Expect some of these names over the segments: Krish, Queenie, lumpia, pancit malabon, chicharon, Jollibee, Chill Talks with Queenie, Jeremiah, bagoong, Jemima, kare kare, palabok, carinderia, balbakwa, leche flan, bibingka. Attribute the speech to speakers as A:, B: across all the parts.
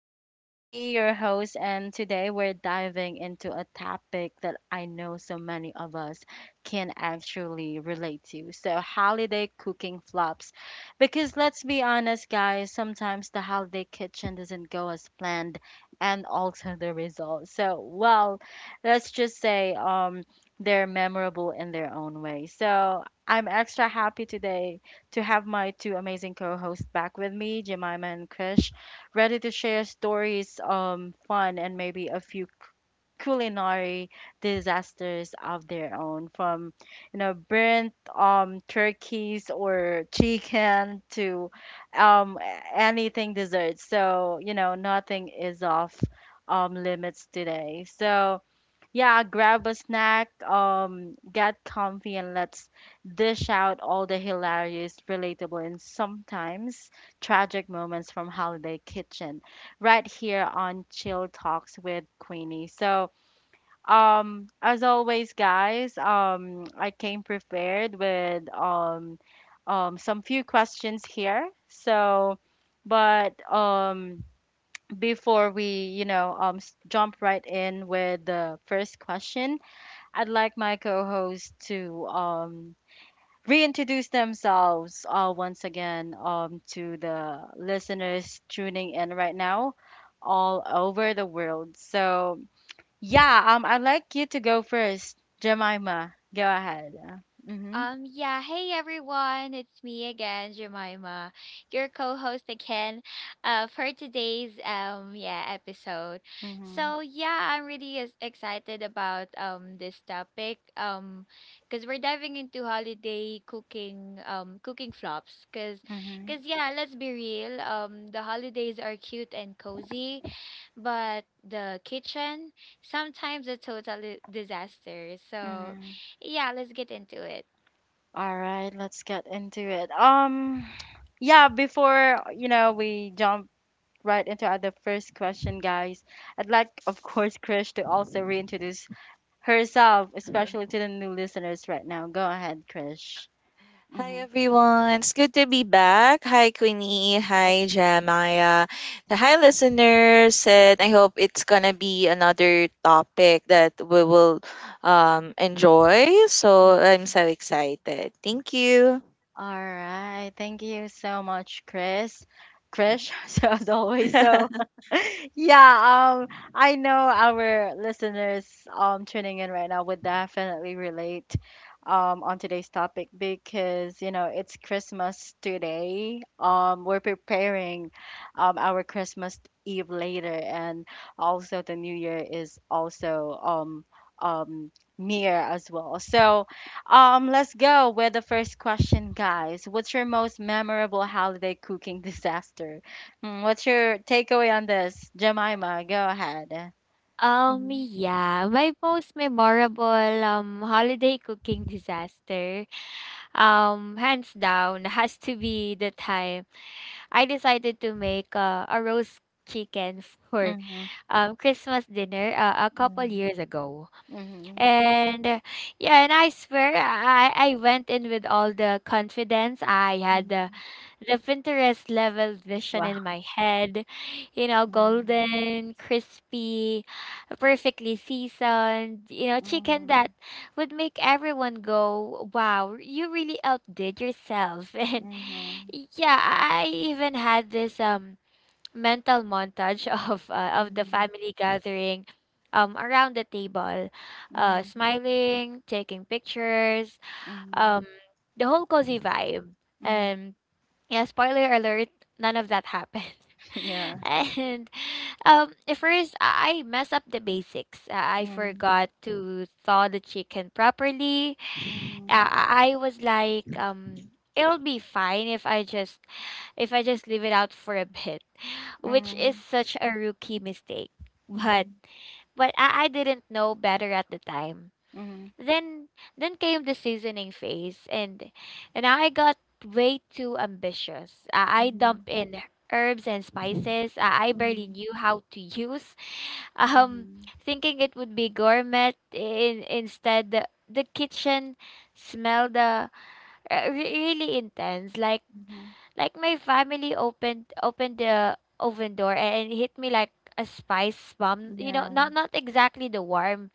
A: I'm your Queenie, your host, and today we're diving into a topic that I know so many of us can actually relate to. So, holiday cooking flops. Because let's be honest, guys, sometimes the holiday kitchen doesn't go as planned, and also the result. So, well, let's just say, they're memorable in their own way. So I'm extra happy today to have my two amazing co-hosts back with me, Jemima and Krish, ready to share stories, fun, and maybe a few culinary disasters of their own, from burnt turkeys or chicken to um anything dessert. So nothing is off limits today. So yeah, grab a snack, get comfy, and let's dish out all the hilarious, relatable, and sometimes tragic moments from Holiday Kitchen right here on Chill Talks with Queenie. So, as always, guys, I came prepared with some few questions here. So, but before we jump right in with the first question. I'd like my co host to reintroduce themselves once again to the listeners tuning in right now all over the world. So, yeah, I'd like you to go first, Jemima. Go ahead. Mm-hmm,
B: Yeah, hey everyone, it's me again, Jemima, your co-host again, for today's episode.
A: mm-hmm,
B: So yeah, I'm really excited about this topic because we're diving into holiday cooking cooking flops because
A: mm-hmm,
B: because yeah, let's be real, the holidays are cute and cozy, but the kitchen sometimes a total disaster. So
A: mm-hmm.
B: yeah, let's get into it.
A: All right, let's get into it. Yeah, before, we jump right into our the first question, guys, I'd like, of course, Krish to also reintroduce herself, especially to the new listeners right now. Go ahead, Krish.
C: Hi
A: Mm-hmm.
C: everyone, it's good to be back. Hi Queenie, hi Jeremiah, hi listeners, and I hope it's gonna be another topic that we will enjoy. So I'm so excited. Thank you.
A: All right. Thank you so much, Chris. Krish, so as always. So
C: Mhm.
A: yeah, I know our listeners tuning in right now would definitely relate on today's topic because you know it's Christmas today. We're preparing our Christmas Eve later and also the New Year is also um near as well. So let's go with the first question, guys. What's your most memorable holiday cooking disaster? Mm, what's your takeaway on this? Jemima, go ahead. Mm-hmm.
B: Yeah, my most memorable holiday cooking disaster, hands down, has to be the time I decided to make a roast chicken for
A: Mm-hmm.
B: Christmas dinner a couple
A: Yeah.
B: years ago.
A: Mm-hmm.
B: And yeah, and I swear I went in with all the confidence I had,
A: hmm
B: the Pinterest level vision in
A: Wow.
B: my head, you know,
A: Mm-hmm.
B: golden, crispy, perfectly seasoned, you know, chicken that would make everyone go, wow, you really outdid yourself. And
A: Mm-hmm.
B: yeah, I even had this mental montage of the
A: Mm-hmm.
B: family gathering around the table, smiling, taking pictures,
A: Mm-hmm.
B: um the whole cozy vibe.
A: Mm-hmm.
B: And yeah, spoiler alert, none of that happened.
A: Yeah.
B: And at first, I messed up the basics. I
A: Mm-hmm.
B: forgot to thaw the chicken properly. I was like, it'll be fine if I just leave it out for a bit, which
A: Mm-hmm.
B: is such a rookie mistake.
A: Mm-hmm.
B: But
A: Mm-hmm.
B: I didn't know better at the time.
A: Mm-hmm.
B: Then then came the seasoning phase, and I got way too ambitious. I
A: Mm-hmm.
B: dumped in herbs and spices I barely
A: Mm-hmm.
B: knew how to use. Um
A: Mm-hmm.
B: thinking it would be gourmet, instead the kitchen smelled really intense,
A: Mm-hmm.
B: like my family opened the oven door and hit me like a spice bomb, you know,
A: Yeah.
B: not exactly the warm,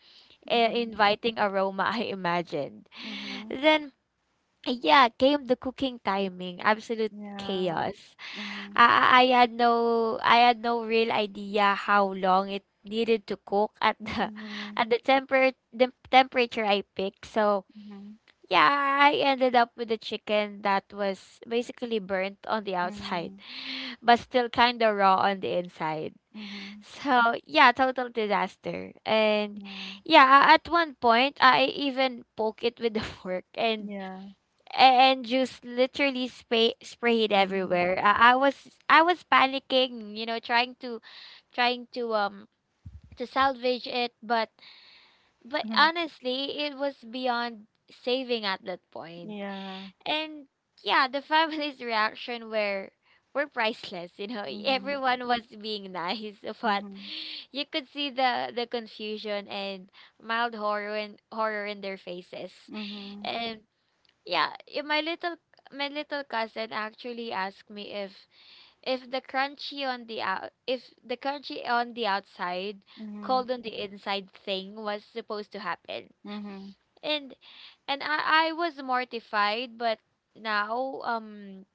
A: Mm-hmm.
B: inviting aroma I imagined.
A: Mm-hmm.
B: Then, yeah, came the cooking timing. Absolute
A: Yeah.
B: chaos.
A: Mm-hmm.
B: I had no I had no real idea how long it needed to cook at the
A: Mhm,
B: at the temperature I picked. So
A: mhm,
B: yeah, I ended up with a chicken that was basically burnt on the outside,
A: mm,
B: but still kind of raw on the inside.
A: mhm,
B: So yeah, total disaster. And
A: yeah,
B: yeah, at one point I even poke it with the fork, and
A: yeah,
B: just literally spray it
A: mhm,
B: everywhere. I was panicking, you know, trying to trying to um to salvage it, but
A: mhm,
B: honestly, it was beyond saving at that point.
A: yeah,
B: And yeah, the family's reaction were priceless, you know.
A: mhm,
B: Everyone was being nice, but
A: mhm,
B: you could see the confusion and mild horror in their faces.
A: mhm,
B: And yeah, my little cousin actually asked me if the crunchy on the out if the crunchy on the outside,
A: mhm,
B: cold on the inside thing was supposed to happen.
A: mhm,
B: And I was mortified, but now,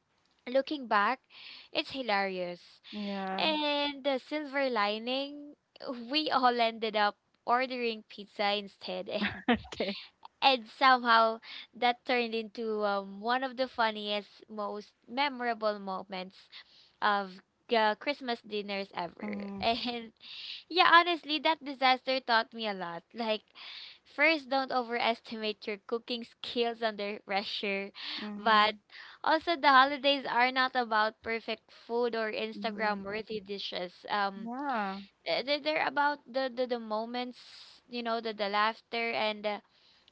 B: looking back, it's hilarious.
A: yeah,
B: And the silver lining, we all ended up ordering pizza instead, and
A: okay,
B: and somehow that turned into, one of the funniest, most memorable moments of Christmas dinners ever.
A: mhm,
B: And yeah, honestly, that disaster taught me a lot. Like, first, don't overestimate your cooking skills under pressure. But
A: mhm,
B: also, the holidays are not about perfect food or Instagram
A: mhm,
B: worthy dishes.
A: yeah,
B: They're about the moments, you know, the laughter and the,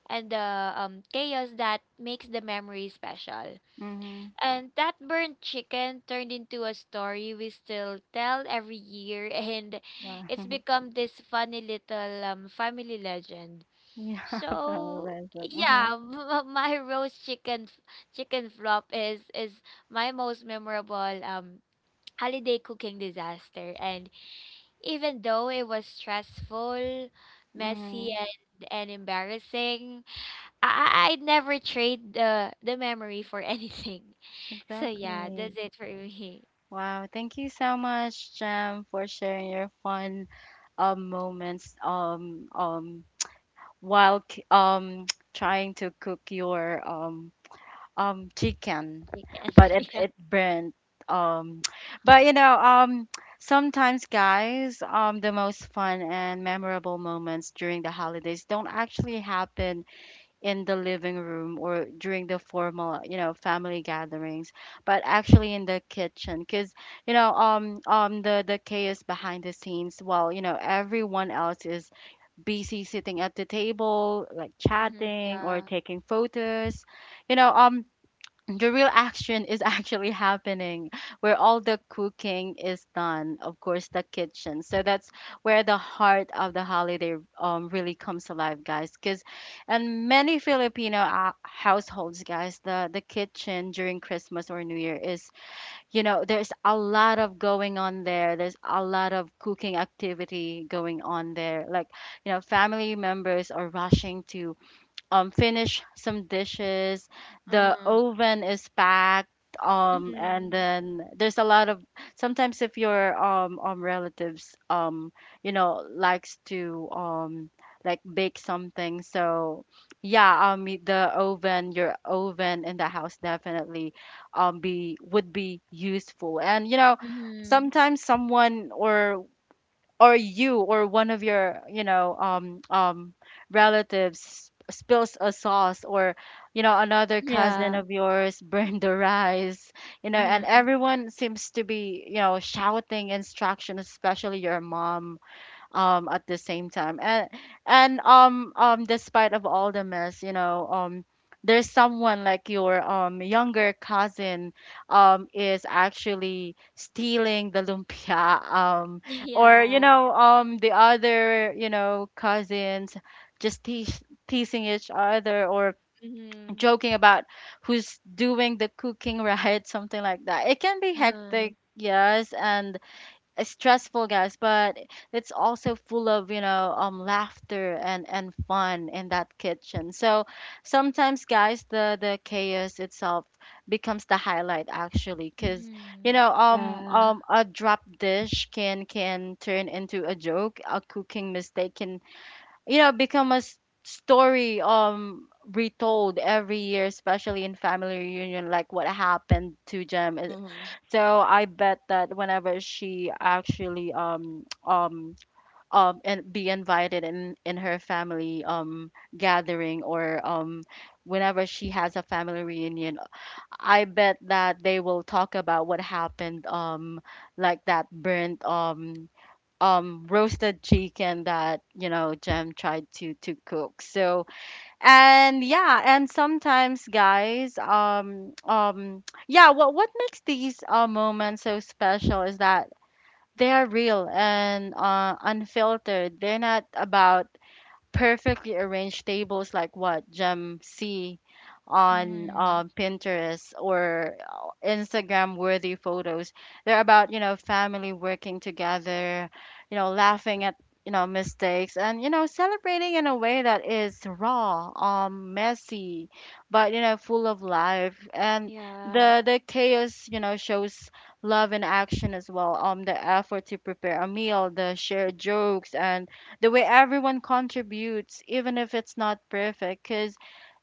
B: and the um, chaos that makes the memory special.
A: mhm,
B: And that burnt chicken turned into a story we still tell every year, and
A: wow,
B: it's become this funny little, family legend.
A: yeah, valid
B: So
A: lesson, mhm,
B: yeah, my roast chicken flop is my most memorable, um, holiday cooking disaster. And even though it was stressful, messy,
A: mhm,
B: and embarrassing, I'd never trade the memory for anything. So yeah,
A: exactly.
B: that's it for me.
A: Wow, thank you so much, Jam, for sharing your fun moments while trying to cook your chicken
B: Chicken.
A: but it burnt um but you know sometimes guys the most fun and memorable moments during the holidays don't actually happen in the living room or during the formal you know family gatherings but actually in the kitchen cuz the chaos behind the scenes while you know everyone else is busy sitting at the table, like
B: Mm-hmm.
A: chatting or
B: Yeah.
A: taking photos. You know, the real action is actually happening where all the cooking is done, of course, the kitchen. So that's where the heart of the holiday really comes alive, guys. Because and many Filipino households, guys, the kitchen during Christmas or New Year is you know, there's a lot of going on there. There's a lot of cooking activity going on there. Like, you know, family members are rushing to finish some dishes. The
B: Uh-huh.
A: oven is packed. And
B: Mhm.
A: then there's a lot of sometimes if your relatives you know likes to like bake something so yeah the oven your oven in the house definitely be would be useful and you know
B: Mm-hmm.
A: sometimes someone or you or one of your you know relatives spills a sauce or you know another cousin
B: Yeah.
A: of yours burned the rice you know and
B: Mm-hmm.
A: everyone seems to be you know shouting instructions especially your mom at the same time and despite of all the mess you know there's someone like your younger cousin is actually stealing the lumpia or you
B: Yeah.
A: know the other you know cousins just teasing each other or
B: Mhm.
A: joking about who's doing the cooking right something like that it can be
B: Uh-huh.
A: hectic yes and it's stressful guys but it's also full of you know laughter and fun in that kitchen so sometimes guys the chaos itself becomes the highlight actually because you
B: Mm-hmm.
A: know
B: Yeah.
A: a drop dish can turn into a joke a cooking mistake can you know become a story retold every year especially in family reunion like what happened to Jem eh,
C: Mhm.
A: so I bet that whenever she actually and be invited in her family gathering or whenever she has a family reunion, I bet that they will talk about what happened like that burnt roasted chicken that you know Jem tried to cook. So and yeah, and sometimes guys, yeah, what makes these moments so special is that they are real and unfiltered. They're not about perfectly arranged tables like what Gem see on
B: Mm-hmm.
A: Pinterest or Instagram worthy photos. They're about, you know, family working together, you know, laughing at, you know, mistakes and, you know, celebrating in a way that is raw, messy, but, you know, full of life. And
B: Yeah.
A: the chaos, you know, shows love in action as well. The effort to prepare a meal, the shared jokes and the way everyone contributes, even if it's not perfect. Because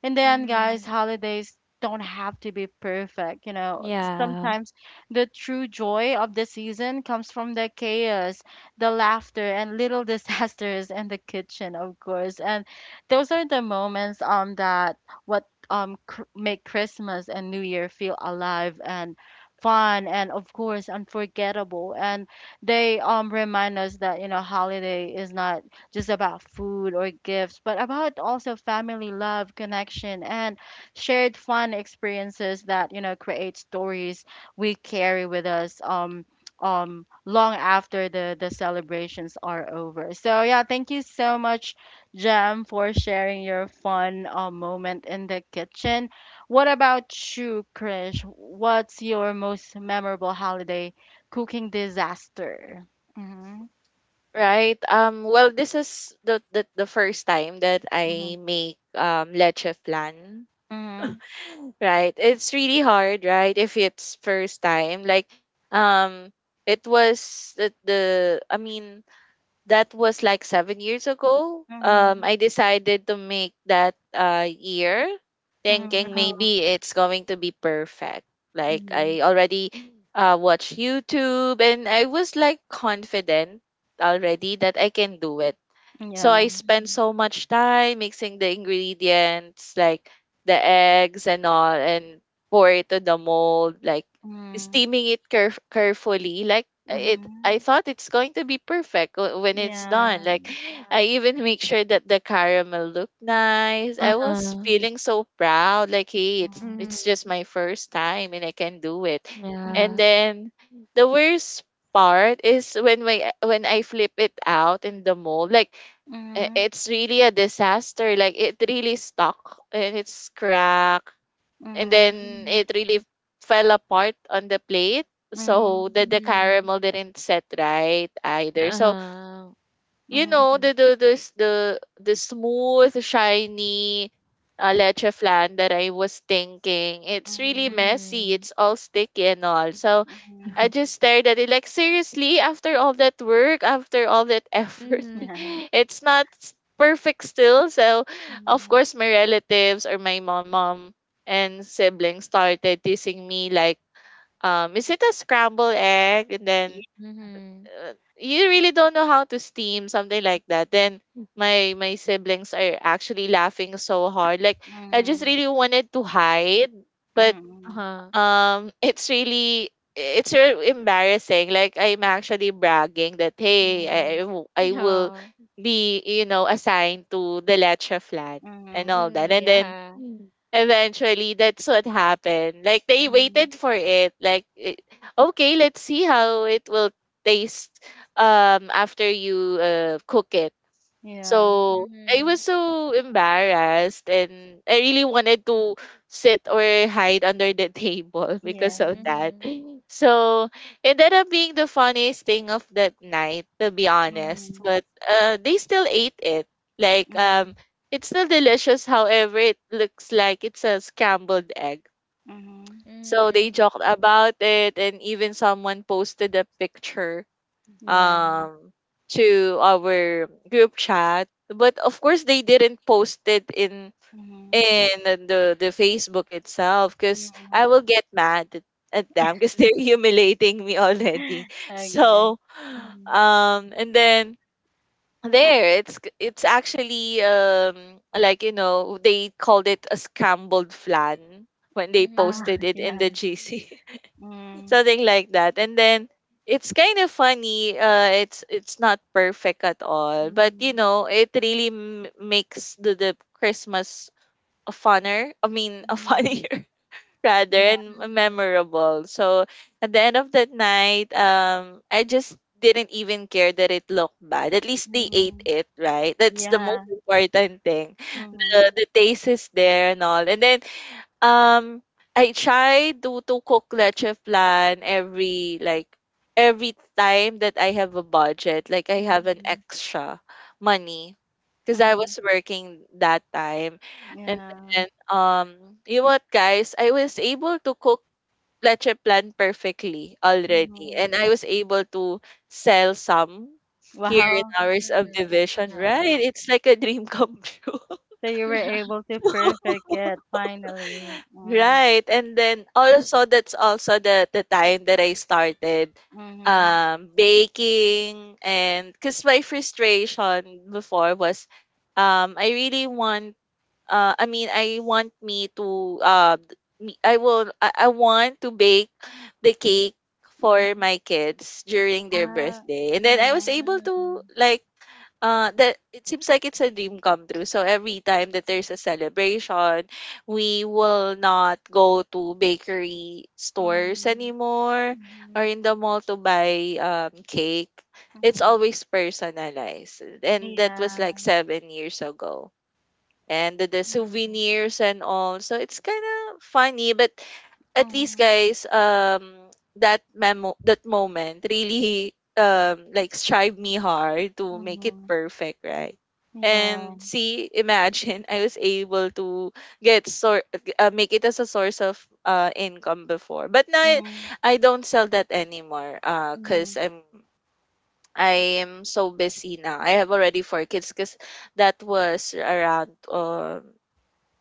A: in the end, guys,
B: Mm-hmm.
A: holidays don't have to be perfect. You know,
B: Yeah.
A: sometimes the true joy of the season comes from the chaos, the laughter, and little disasters in the kitchen, of course. And those are the moments that make Christmas and New Year feel alive and fun and of course unforgettable and they remind us that you know holiday is not just about food or gifts, but about also family love, connection, and shared fun experiences that you know create stories we carry with us. Long after the celebrations are over. So yeah, thank you so much, Jem, for sharing your fun moment in the kitchen. What about you, Krish? What's your most memorable holiday cooking disaster? Mm-hmm.
C: Right. Well, this is the first time that
A: Mm-hmm.
C: I make leche flan.
A: Mm-hmm.
C: Right, it's really hard, right? If it's first time, like um it was the I mean that was like 7 years ago.
A: Mm-hmm.
C: I decided to make that year thinking
A: Mhm,
B: Uh-huh.
C: maybe it's going to be perfect. Like
A: mhm,
C: I already watch YouTube and I was like confident already that I can do it. So I
A: yeah,
C: spend
B: Mm.
C: so much time mixing the ingredients, like the eggs and all, and pour it to the mold, like
A: mhm,
C: steaming it carefully. Like it, I
A: mhm,
C: thought it's going to be perfect when it's
A: yeah,
C: done. Like
B: Yeah.
C: I even make sure that the caramel looked nice. I was
B: Uh-huh.
A: yeah,
C: feeling so proud. Like, hey,
A: mhm,
B: Mm.
C: it's just my first time and I can do it.
A: mhm,
C: And
B: Yeah.
C: then the worst part is when my when I flip it out in the mold, like
A: mhm,
C: it's really a disaster. Like it really stuck and it's cracked, and
A: mhm,
C: then
B: Mm-hmm.
C: it really fell apart on the plate. So
A: mhm,
C: the
B: Mm-hmm.
C: caramel didn't set right either. So
B: Uh-huh.
C: you
A: mhm,
C: know,
B: Mm-hmm.
C: the smooth shiny leche flan that I was thinking. It's really
A: mhm,
C: messy.
B: Mm-hmm.
C: It's all sticky and all. So
A: mhm,
C: I just stared at it like, seriously, after all that work, after all that effort,
A: yeah,
C: it's not perfect still. So of
A: mhm,
C: course my relatives or my mom and siblings started teasing me like, is it a scrambled egg? And
A: yeah,
C: then,
B: Hmm.
C: you really don't know how to steam, something like that. Then my siblings are actually laughing so hard. Like
A: mhm,
C: I just
A: mhm,
C: really wanted to hide, but
A: mhm,
B: Uh-huh.
C: it's really embarrassing. Like I'm actually bragging that, hey, I will
B: Yeah.
C: be, you know, assigned to the leche flat and
A: mhm,
C: all that.
B: Mm,
C: And then
B: yeah.
C: Mm, eventually that's what happened. Like they
A: mhm,
C: waited for it, like, it, okay, let's see how it will taste after you cook it.
A: yeah,
C: So I was
B: Mhm.
C: so embarrassed and I really wanted to sit or hide under the table
A: yeah,
C: because of that.
B: Mhm.
C: So it ended up being the funniest thing of that night, to be honest.
A: mhm,
C: But they still ate it. Like,
A: mhm,
C: it's still delicious. However, it looks like it's a scrambled egg.
A: mhm,
C: So they
B: Mhm.
C: joked about it, and even someone posted a picture
A: yeah,
C: um to our group chat, but of course they didn't post it in
A: mhm,
C: in the the Facebook itself, because
A: mhm,
C: I will get mad at them because they're humiliating me already.
A: okay,
C: So
A: mhm,
C: and then there it's actually, like, you know, they called it a scrambled flan when they
A: ah,
C: posted
B: Mhm.
C: it in
A: yeah,
C: the GC.
A: mhm,
C: Something like that. And then it's kind of funny. It's not perfect at all, but you
A: mhm,
C: know, it really makes the Christmas a funner, I mean, a
A: mhm,
C: funnier rather,
A: yeah,
C: and
B: Mhm.
C: memorable. So at the end of that night, I just didn't even care that it looked bad. At least they ate
A: mhm.
C: it, right? That's the
A: Yeah.
C: most important thing. The,
A: Mhm.
C: the taste is there and all. And then um, I try to cook leche flan every like every time that I have a budget, like I have an
A: Mhm.
C: extra money because I
A: Mhm.
C: was working that time. And
A: Yeah.
C: then, you know what, guys, I was able to cook leche flan perfectly already,
A: Mhm.
C: and I was able to sell some here in
A: Wow.
C: our
B: Mhm.
C: subdivision, right?
B: Wow.
C: It's like a dream come true.
A: So you were able to perfect it finally. Mm.
C: Right. And then also that's also the time that I started
A: Mhm.
C: baking, and cuz my frustration before was I really want I mean I want me to d- me- I will I want to bake the cake for
A: Mhm.
C: my kids during their
A: Ah.
C: birthday. And then I was
A: Mhm.
C: able to,
B: Mhm.
C: like, that it seems like it's a dream come true. So every time that there's a celebration, we will not go to bakery stores
A: Mhm.
C: anymore or
A: Mhm.
C: in the mall to buy cake. It's
A: Mhm.
C: always personalized. And that was
A: Yeah.
C: like 7 years ago and the
B: Mhm.
C: souvenirs and all. So it's kind of funny, but at least,
A: Mhm.
C: guys, that moment really like strived me hard to make it
A: Mhm.
C: perfect, right?
A: Yeah.
C: And see, imagine I was able to get sort make it as a source of income before, but now I,
A: Mhm.
C: I don't sell that anymore. Cause
A: Mhm.
C: I'm I am so busy now. I have already four kids, cause that was around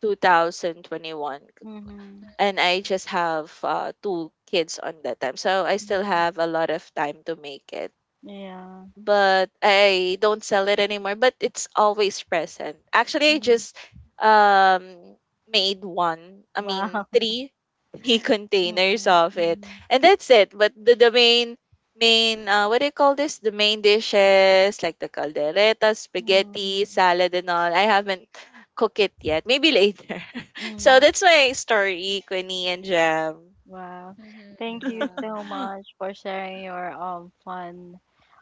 C: 2021
A: Mhm.
C: and I just have two kids on that time, so I still
A: Mhm.
C: have a lot of time to make it.
A: Yeah.
C: But I don't sell it anymore. But it's always present. Actually, I
A: Mhm.
C: just um made one. I mean,
A: Wow.
C: three three containers
A: Mhm.
C: of it,
A: Mhm.
C: and that's it. But the main what do you call this? The main dishes like the caldereta, spaghetti,
A: Mhm.
C: salad, and all. I haven't cooked it yet. Maybe later. So
A: Mhm.
C: that's my story, Quinny and Jam.
A: Wow.
B: Mhm.
A: Thank you so
B: Wow.
A: much for sharing your fun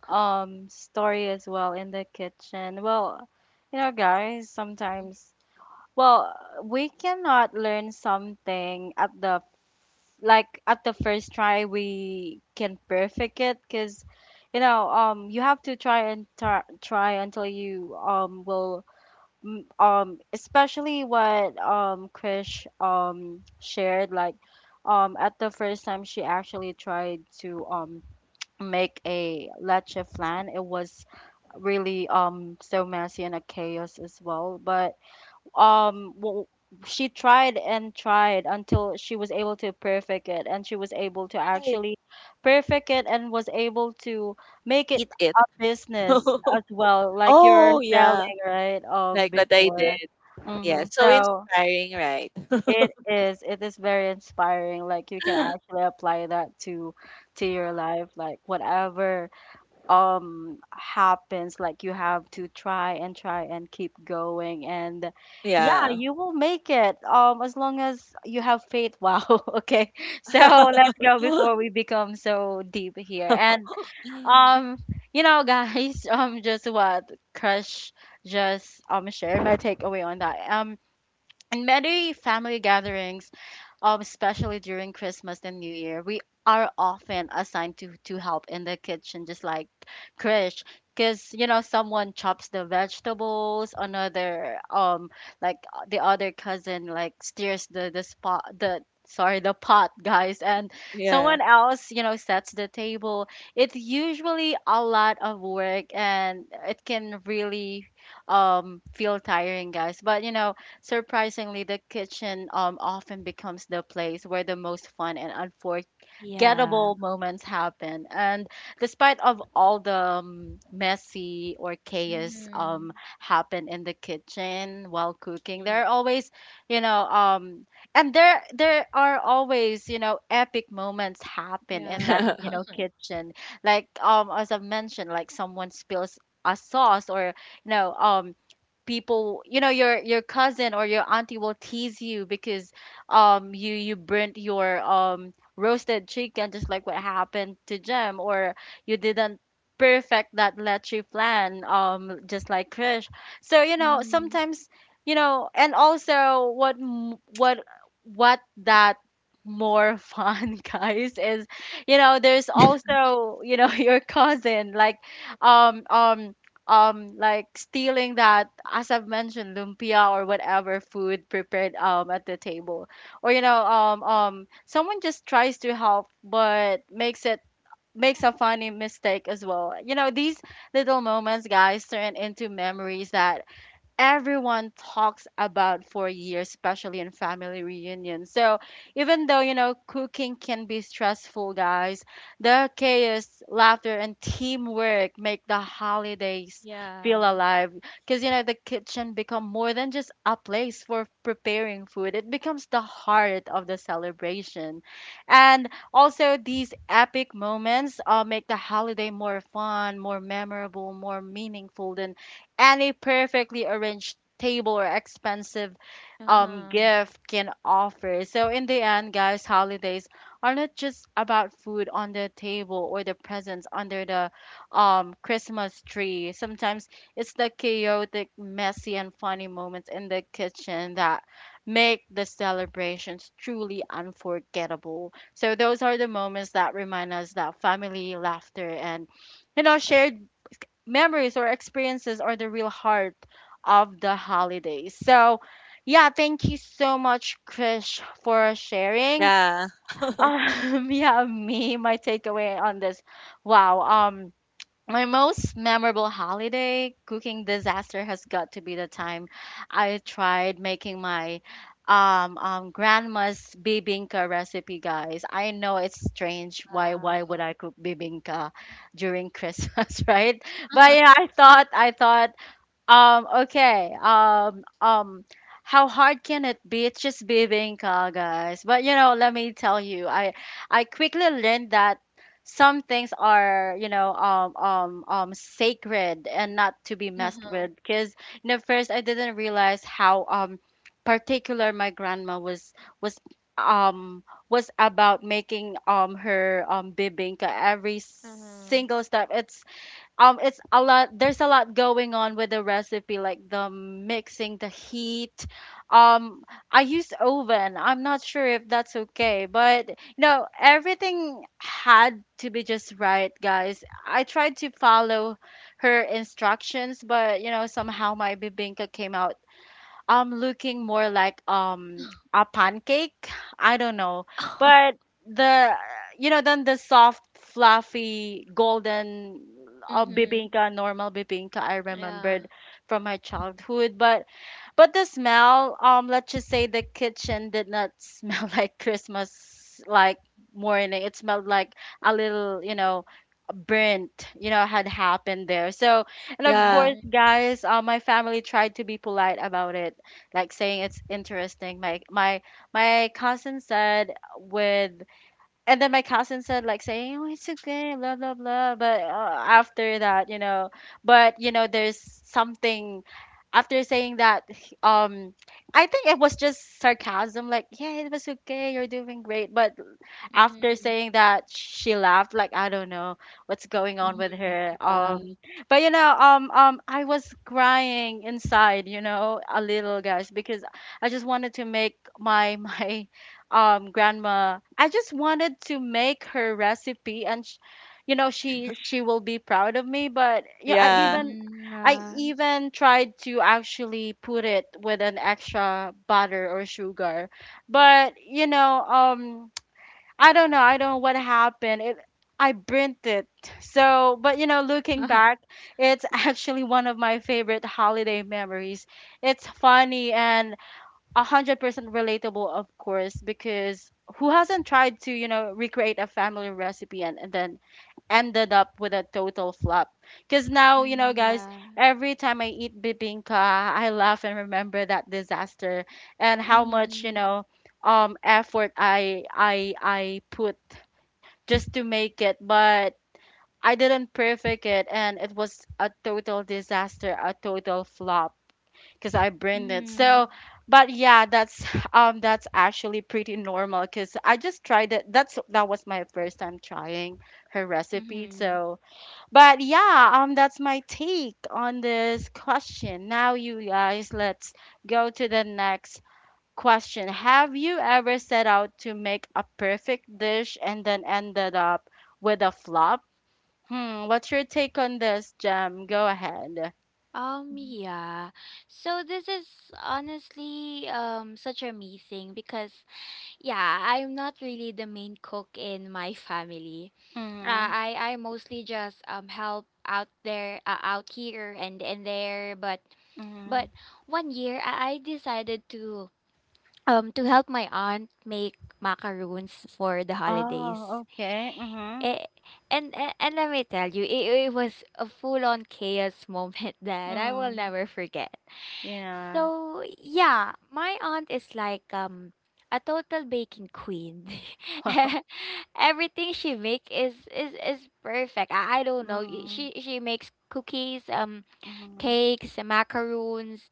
A: story as well in the kitchen. Well, you know, guys, sometimes well, we cannot learn something at the like at the first try we can perfect it because you know, you have to try and try until you especially what Krish shared like at the first time she actually tried to make a leche flan it was really so messy and a chaos as well but um w- she tried and tried until she was able to perfect it and she was able to
C: Right.
A: actually perfect it and was able to make it
C: Eat it.
A: a business as well like you're
C: Oh yeah.
A: selling right
C: Like what I
A: before
C: did. Yeah,
A: mm-hmm.
C: so
A: so
C: inspiring, right?
A: it is very inspiring like you can actually apply that to your life like whatever happens like you have to try and try and keep going and yeah
C: Yeah.
A: you will make it as long as you have faith wow okay so let's go before we become so deep here and um you know guys just what crush just shared my takeaway on that in many family gatherings especially during Christmas and New Year, we are often assigned to help in the kitchen, just like Krish, because you know someone chops the vegetables, another like the other cousin like steers the spot the sorry the pot guys and
C: Yeah.
A: someone else you know sets the table it's usually a lot of work and it can really feel tiring guys but you know Surprisingly, the kitchen often becomes the place where the most fun and unforgettable
B: Yeah.
A: moments happen. And despite of all the messy or chaos
B: Mhm.
A: happen in the kitchen while cooking, there
C: Mhm.
A: are always, you know, um, and there are always, epic moments happen in
B: Yeah.
A: that, kitchen. Like as I mentioned, like someone spills a sauce or you know um people, your cousin or your auntie will tease you because you burnt your roasted chicken, just like what happened to Jem, or you didn't perfect that leche plan just like Krish. So you know
B: Mhm.
A: sometimes, and also what m- what that more fun guys is, you know, there's also, you know, your cousin um um like stealing that, as I've mentioned, lumpia or whatever food prepared at the table, or you know someone just tries to help but makes a funny mistake as well. You know, these little moments, guys, turn into memories that everyone talks about for years, especially in family reunions. So even though, you know, cooking can be stressful, guys, the chaos, laughter, and teamwork make the holidays feel
B: Yeah.
A: alive. Because, you know, the kitchen become more than just a place for preparing food. It becomes the heart of the celebration. And also these epic moments make the holiday more fun, more memorable, more meaningful than and a perfectly arranged table or expensive
B: Uh-huh.
A: gift can offer. So in the end, guys, holidays are not just about food on the table or the presents under the Christmas tree. Sometimes it's the chaotic, messy and funny moments in the kitchen that make the celebrations truly unforgettable. So those are the moments that remind us that family, laughter and, you know, shared memories or experiences are the real heart of the holidays. So, yeah, thank you so much, Krish, for sharing.
C: Yeah.
A: Yeah, me, my takeaway on this. Wow. Um, my most memorable holiday cooking disaster has got to be the time I tried making my grandma's bibinka recipe, guys. I know it's strange. Why would
B: Wow.
A: I cook bibinka during Christmas, right? But yeah, I thought okay. How hard can it be? It's just bibingka, guys. But you know, let me tell you, I quickly learned that some things are, you know, sacred and not to be messed
B: Uh-huh.
A: with. Because you know, first I didn't realize how particular my grandma was um was about making her bibingka every
B: Uh-huh.
A: single step. It's a lot. There's a lot going on with the recipe, like the mixing, the heat. um I used oven, I'm not sure if that's okay, but no, everything had to be just right, guys. I tried to follow her instructions, but you know, somehow my bibinka came out looking more like a pancake. I don't know. But the, you know, then the soft, fluffy, golden
B: Mhm.
A: bibingka, normal bibingka I
B: Yeah.
A: remembered from my childhood. But the smell, let's just say the kitchen did not smell like Christmas like morning. It smelled like a little, you know, burnt, you know, had happened there. So, and of
C: Yeah.
A: course,
B: Mhm.
A: guys, my family tried to be polite about it, like saying it's interesting. My cousin said with, and then my cousin said like saying, oh, it's okay, blah blah blah. But after that, you know, but you know, there's something after saying that. I think it was just sarcasm, like, yeah, it was okay, you're doing great. But after
B: Mhm.
A: saying that, she laughed, like I don't know what's going on with
B: Mhm.
A: her.
B: Yeah.
A: But you know, I was crying inside, you know, a little, guys, because I just wanted to make my my grandma. I just wanted to make her recipe, and you know, she will be proud of me. But yeah, I
C: Yeah.
A: even
B: Mhm.
A: I
B: Yeah.
A: even tried to actually put it with an extra butter or sugar, but you know, I don't know. I don't know what happened. It, I burnt it. So, but you know, looking back, it's actually one of my favorite holiday memories. It's funny and 100% relatable, of course, because who hasn't tried to, you know, recreate a family recipe and then ended up with a total flop. Because now, you know,
B: Mhm.
A: guys,
B: Yeah.
A: every time I eat bibingka, I laugh and remember that disaster and how much, you
B: Mhm.
A: know, effort I put just to make it, but I didn't perfect it, and it was a total disaster, a total flop, because I burned it.
B: Mhm.
A: So, but yeah, that's that's actually pretty normal, because I just tried it. That was my first time trying her recipe.
B: Mhm.
A: So but yeah, that's my take on this question. Now, you guys, let's go to the next question. Have you ever set out to make a perfect dish and then ended up with a flop? Hmm, what's your take on this, Jem? Go ahead. Mhm.
B: Yeah. So this is honestly, um, such a me thing because yeah, I'm not really the main cook in my family.
A: Mm-hmm.
B: I mostly just help out there out here and there, but but
A: Mm-hmm.
B: one year, I decided to help my aunt make macaroons for the
A: Oh,
B: holidays.
A: okay. Mm-hmm.
B: Eh, and let me tell you, it was a full on chaos moment that I will
A: Mm.
B: never forget.
A: Yeah.
B: So yeah, my aunt is like, um, a total baking queen.
A: Wow.
B: Everything she make is is perfect. I don't know.
A: Mm.
B: She makes cookies,
A: Mm.
B: cakes, macaroons.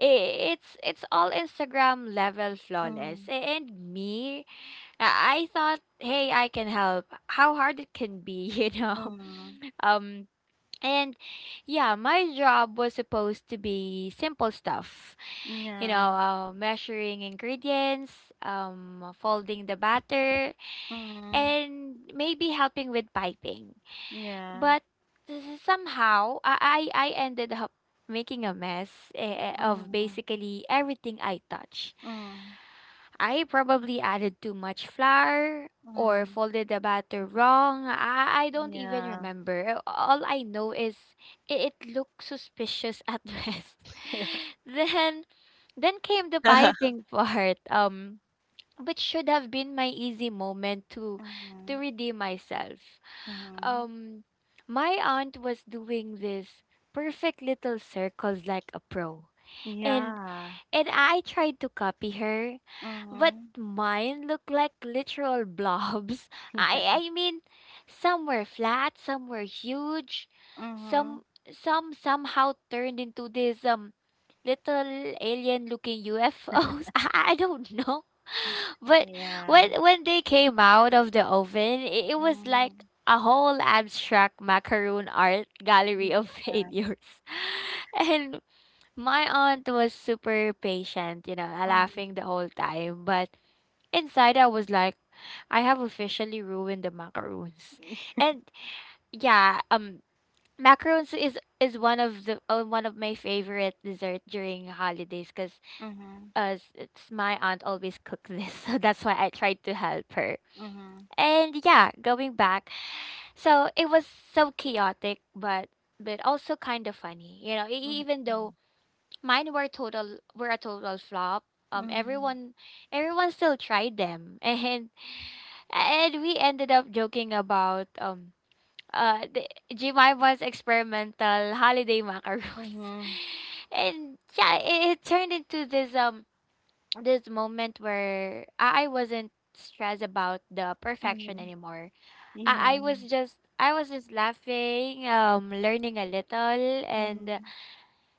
B: I it's all Instagram level flawless. And me, yeah, I thought, hey, I can help. How hard it can be, you know?
A: Mm.
B: Um, and yeah, my job was supposed to be simple stuff,
A: Mm.
B: you
A: Yeah.
B: know, measuring ingredients, folding the batter,
A: Mm.
B: and maybe helping with piping.
A: Yeah.
B: But somehow I ended up making a mess, of
A: Mm.
B: basically everything I touch.
A: Mm,
B: I probably added too much flour or
A: mm.
B: folded the batter wrong. I don't even
A: Yeah.
B: remember. All I know is it looked suspicious at best. then then came the piping part. Which should have been my easy moment to redeem myself. Um, my aunt was doing this perfect little circles like a pro. And
A: Yeah.
B: I tried to copy her, but
A: Mhm,
B: mine looked like literal blobs. I mean some were flat, some were huge, some
A: mhm.
B: some somehow turned into this, um, little alien looking UFOs. I don't know. But
A: Yeah.
B: when they came out of the oven, it was like
A: Mhm,
B: a whole abstract macaroon art
A: mhm.
B: gallery of
A: Yeah.
B: failures. And my aunt was super patient, you know,
A: Mhm.
B: laughing the whole time. But inside I was like, I have officially ruined the macaroons.
A: Yeah.
B: And yeah, um, macarons is one of the one of my favorite dessert during holidays, because
A: Mhm. Mhm,
B: it's my aunt always cook this, so that's why I tried to help her.
A: mhm,
B: And yeah, going back, so it was so chaotic, but also kind of funny, you know,
A: mhm,
B: even though mine were total were a total flop, um,
A: mhm,
B: everyone still tried them, and we ended up joking about the Jemima's experimental holiday macaroons.
A: mhm,
B: And yeah, it turned into this, um, this moment where I wasn't stressed about the perfection
A: mhm.
B: anymore.
A: Yeah.
B: I was just laughing, learning a little, and
A: Mhm,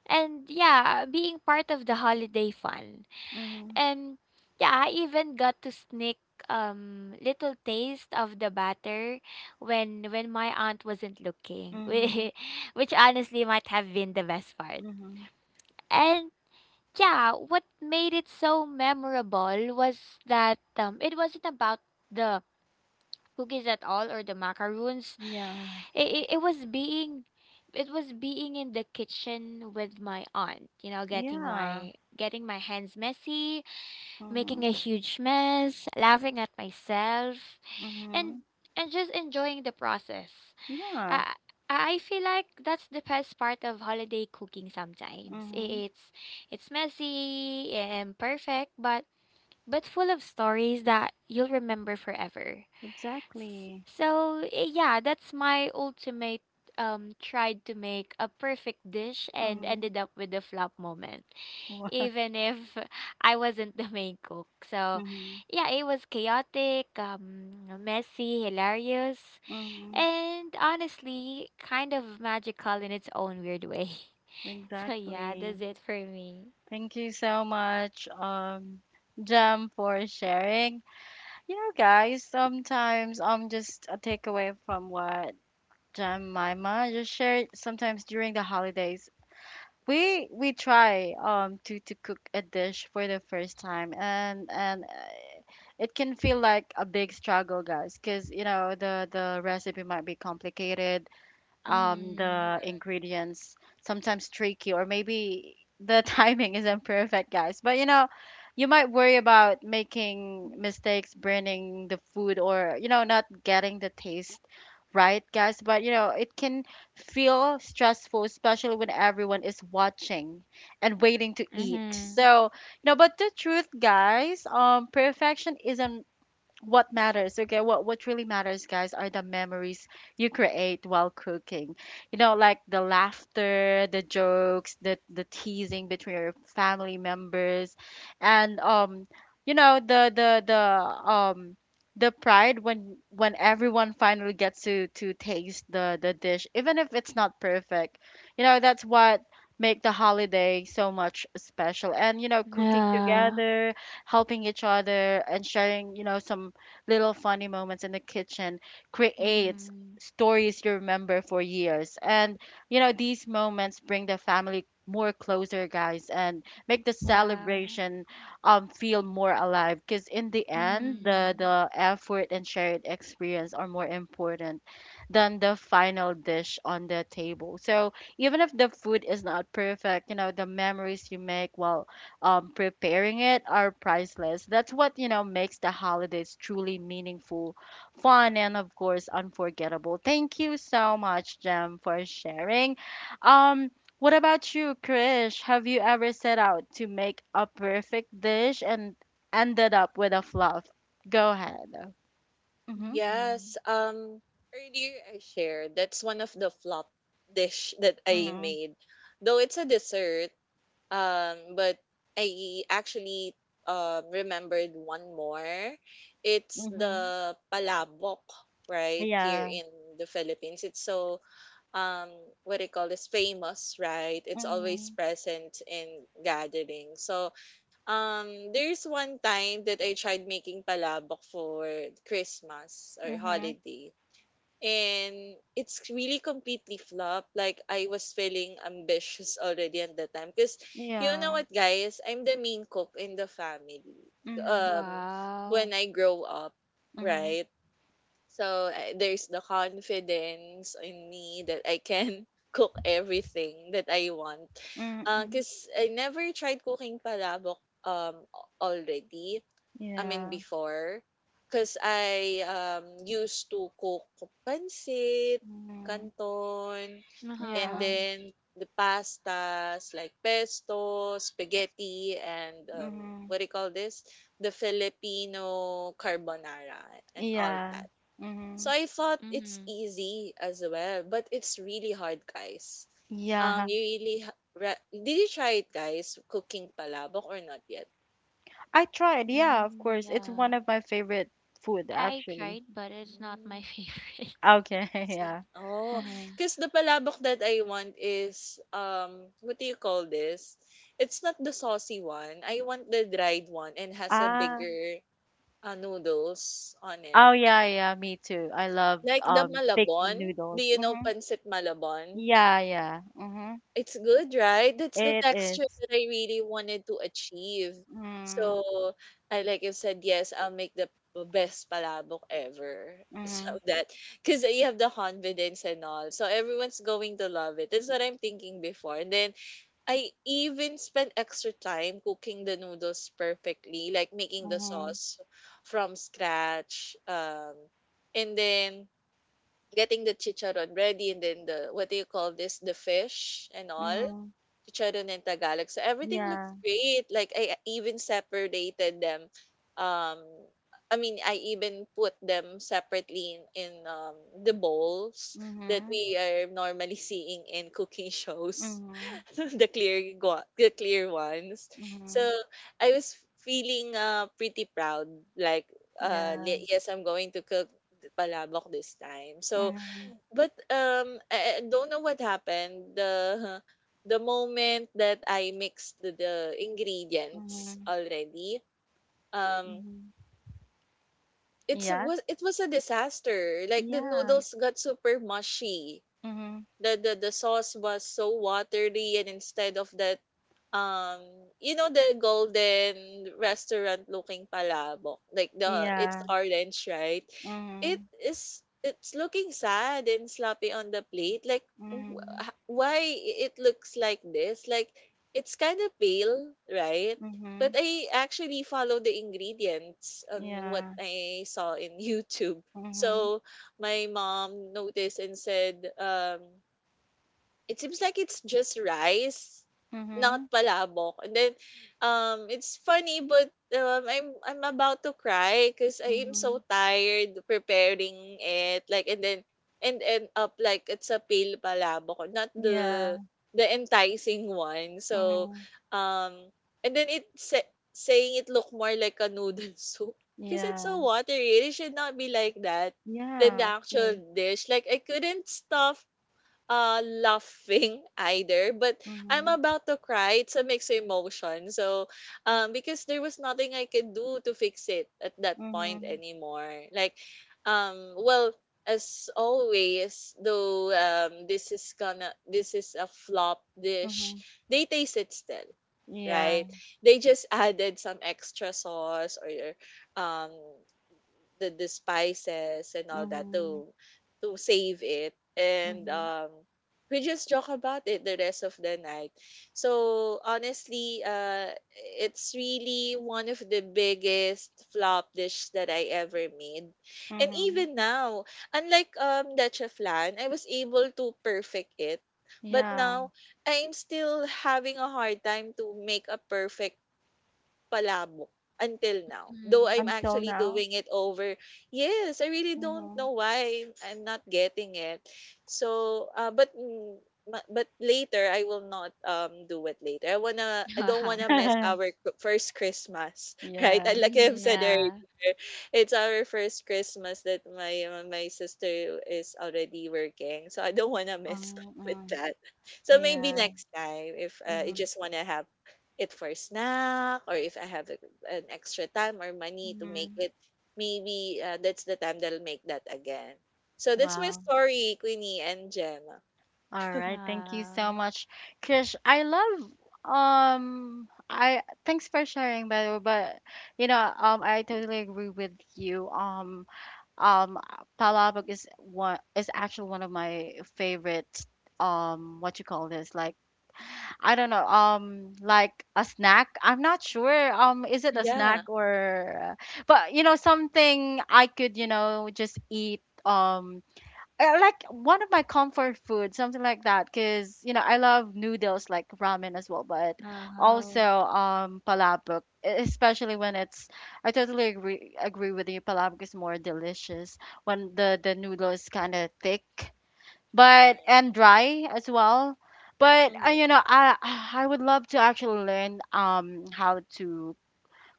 B: and yeah, being part of the holiday fun.
A: mhm,
B: And yeah, I even got to sneak, um, little taste of the batter when my aunt wasn't looking,
A: mhm,
B: which honestly might have been the best part.
A: mhm.
B: And yeah, what made it so memorable was that, um, it wasn't about the cookies at all or the macaroons.
A: Yeah.
B: It was being in the kitchen with my aunt, you know,
A: Yeah.
B: getting my hands messy, making a
A: Mhm,
B: huge mess, laughing at myself, and
A: mhm,
B: and just enjoying the process.
A: yeah.
B: I I feel like that's the best part of holiday cooking sometimes.
A: Mhm.
B: It's messy, imperfect, but full of stories that you'll remember forever.
A: Exactly.
B: So yeah, that's my ultimate, um, tried to make a perfect dish and
A: Mhm,
B: ended up with a flop moment,
A: wow.
B: even if I wasn't the main cook. So,
A: Mhm,
B: yeah, it was chaotic, messy, hilarious,
A: mhm.
B: and honestly, kind of magical in its own weird way. So, yeah, that's
A: Exactly.
B: it for me.
A: Thank you so much, Jam, for sharing. You know, guys, sometimes just a takeaway from what Jam Mima just shared. Sometimes during the holidays, we try to cook a dish for the first time, and it can feel like a big struggle, guys, because you know the recipe might be complicated,
B: Mm-hmm.
A: the ingredients sometimes tricky, or maybe the timing isn't perfect, guys. But you know, you might worry about making mistakes, burning the food, or you know, not getting the taste right, guys. But you know, it can feel stressful, especially when everyone is watching and waiting to eat.
B: Mm-hmm.
A: So, you know, but the truth, guys, perfection isn't what matters. Okay, what really matters, guys, are the memories you create while cooking, you know, like the laughter, the jokes, the teasing between your family members, and you know, um the pride when everyone finally gets to taste the dish, even if it's not perfect. You know, that's what make the holiday so much special. And you know, cooking
B: Yeah.
A: together, helping each other, and sharing, you know, some little funny moments in the kitchen creates
B: Mm-hmm.
A: stories you remember for years. And you know, these moments bring the family more closer, guys, and make the
B: Yeah.
A: celebration feel more alive. Because in the end,
B: Mm-hmm.
A: the effort and shared experience are more important than the final dish on the table. So even if the food is not perfect, you know, the memories you make while preparing it are priceless. That's what, you know, makes the holidays truly meaningful, fun, and of course, unforgettable. Thank you so much, Jem, for sharing. Um, what about you, Krish? Have you ever set out to make a perfect dish and ended up with a fluff? Go ahead. Mm-hmm.
B: Mm-hmm.
C: Yes, earlier I shared that's one of the flop dish that I
A: Mm-hmm.
C: made. Though it's a dessert, but I actually remembered one more. It's
A: Mm-hmm.
C: the palabok, right? Here
A: Yeah.
C: in the Philippines. It's so, um what they call this, famous, right? It's always
A: Mm-hmm.
C: present in gatherings. So there's one time that I tried making palabok for Christmas or
A: Mm-hmm.
C: holiday, and it's really completely flopped. Like I was feeling ambitious already at the time because, you
A: Yeah.
C: know what, guys, I'm the main cook in the family.
A: Mm-hmm.
C: Um,
B: Wow.
C: when I grow up,
A: Mm-hmm.
C: right? So I- there's the confidence in me that I can cook everything that I want.
A: Mm-hmm.
C: Cause I never tried cooking palabok um already, I mean,
A: Yeah.
C: before, because I used to cook pancit,
A: Mm-hmm.
C: canton, and
A: Yeah.
B: Uh-huh.
C: then the pastas like pesto, spaghetti, and
A: Mhm.
C: what do you call this? The Filipino carbonara and all
A: Yeah.
C: that.
A: Mhm.
C: So I thought it's
B: Mm-hmm.
C: easy as well, but it's really hard, guys.
A: Yeah.
C: You really ha- ra- Did you try it, guys? Cooking palabok or not yet?
A: I tried. Yeah, of
B: Mm,
A: course. It's one
B: yeah.
A: of my favorite food
B: I
A: actually.
B: tried, but it's not my favorite.
A: Okay,
C: Sa
A: yeah.
C: oh,
A: Mhm.
C: 'Cause the palabok that I want is, what do you call this? It's not the saucy one. I want the dried one and has a
A: Ah.
C: bigger, noodles on
A: Oh
C: it.
A: yeah, yeah, me too. I love
C: Like the
A: thick
C: malabon. Do
A: noodles.
C: you know
A: Mhm.
C: pancit malabon?
A: Yeah, yeah. Mhm.
C: It's good, right? That's the
A: It
C: texture
A: is.
C: that I really wanted to achieve.
A: Mhm.
C: So, I like you said, yes, I'll make the best palabok ever. So
A: Mhm.
C: that, because you have the confidence and all. So everyone's going to love it. That's what I'm thinking before. And then I even spent extra time cooking the noodles perfectly, like making the
A: Mhm.
C: sauce from scratch. And then getting the chicharon ready and then the what do you call this the fish and all.
A: Mhm.
C: Chicharon and Tagalog. So everything looks
A: Yeah.
C: great. Like I even separated them. Um, I mean, I even put them separately in, the bowls that
A: Mhm.
C: we are normally seeing in cooking shows,
A: Mhm.
C: the the clear ones. So
A: Mhm.
C: I was feeling pretty proud. Like,
A: Yeah.
C: yes, I'm going to cook the palabok this time. So
A: Mhm.
C: but, I don't know what happened. The the moment that I mixed the ingredients
A: Mhm.
C: already, um,
A: Mhm.
C: it's
A: Yeah.
C: was it was a disaster. Like the
A: Yeah.
C: noodles got super mushy.
A: Mhm.
C: The sauce was so watery, and instead of that, um you know, the golden restaurant looking palabok, like, the it's
A: Yeah.
C: orange, right? it
A: Mhm,
C: is it's looking sad and sloppy on the plate. Like,
A: mhm,
C: why it looks like this? Like, it's kind of pale, right? But
A: mhm,
C: I actually follow the ingredients on what
A: yeah,
C: I saw in YouTube.
A: mhm,
C: So my mom noticed and said, it seems like it's just rice, not
A: mhm,
C: palabok. And then, it's funny, but I'm about to cry because I am so
A: mhm,
C: tired preparing it. Like, and then and end up like it's a pale palabok, not the
A: yeah,
C: the enticing one. So,
A: mhm,
C: um, and then it saying it look more like a noodle soup because it's so
A: yeah,
C: watery. It should not be like that than the
A: yeah, of
C: actual
A: course,
C: dish. Like I couldn't stop laughing either, but I'm
A: mhm,
C: about to cry. It's a mixed emotion, so because there was nothing I could do to fix it at that point
A: mhm,
C: anymore. Like um well as always, though, this is a flop dish.
A: mhm,
C: They taste it still,
A: yeah,
C: right? They just added some extra sauce or um the spices and all that
A: mhm,
C: to save it, and
A: mhm,
C: we just joke about it the rest of the night. So honestly, it's really one of the biggest flop dish that I ever made. And
A: mhm,
C: even now, unlike leche flan, I was able to perfect it, but
A: yeah,
C: now I'm still having a hard time to make a perfect palabok until now. Though
B: Mhm.
C: I'm
A: until
C: actually
A: now,
C: doing it over. Yes, I really don't
A: mhm,
C: know why I'm not getting it. So, but later I will not do it later. I don't wanna mess our first Christmas, right?
A: yeah,
C: And Like I've
B: Mhm,
C: said earlier.
B: yeah.
C: It's our first Christmas that my my sister is already working, so I don't wanna mess up with
A: mm,
C: that. So maybe
A: yeah,
C: next time, if I
A: mhm,
C: just wanna have it for snack, or if I have a, an extra time or money to make
A: mhm,
C: it, maybe that's the time that I'll make that again. So that's my
A: wow.
C: story, Queenie and Gemma.
A: All right, thank you so
B: Yeah.
A: much, Krish. I thanks for sharing by the way. But you know, I totally agree with you. Um Palabok is one is actually one of my favorite what you call this, like, I don't know, like a snack. I'm not sure is it a snack
C: Yeah,
B: Mhm.
A: or, but you know, something I could, you know, just eat, like one of my comfort food, something like that. Cause you know I love noodles like ramen as well, but also
B: Oh.
A: palabok, especially when it's. I totally agree with you. Palabok is more delicious when the noodle is kind of thick, but
C: right.
A: and dry as well. But
C: Hmm.
A: you know, I would love to actually learn how to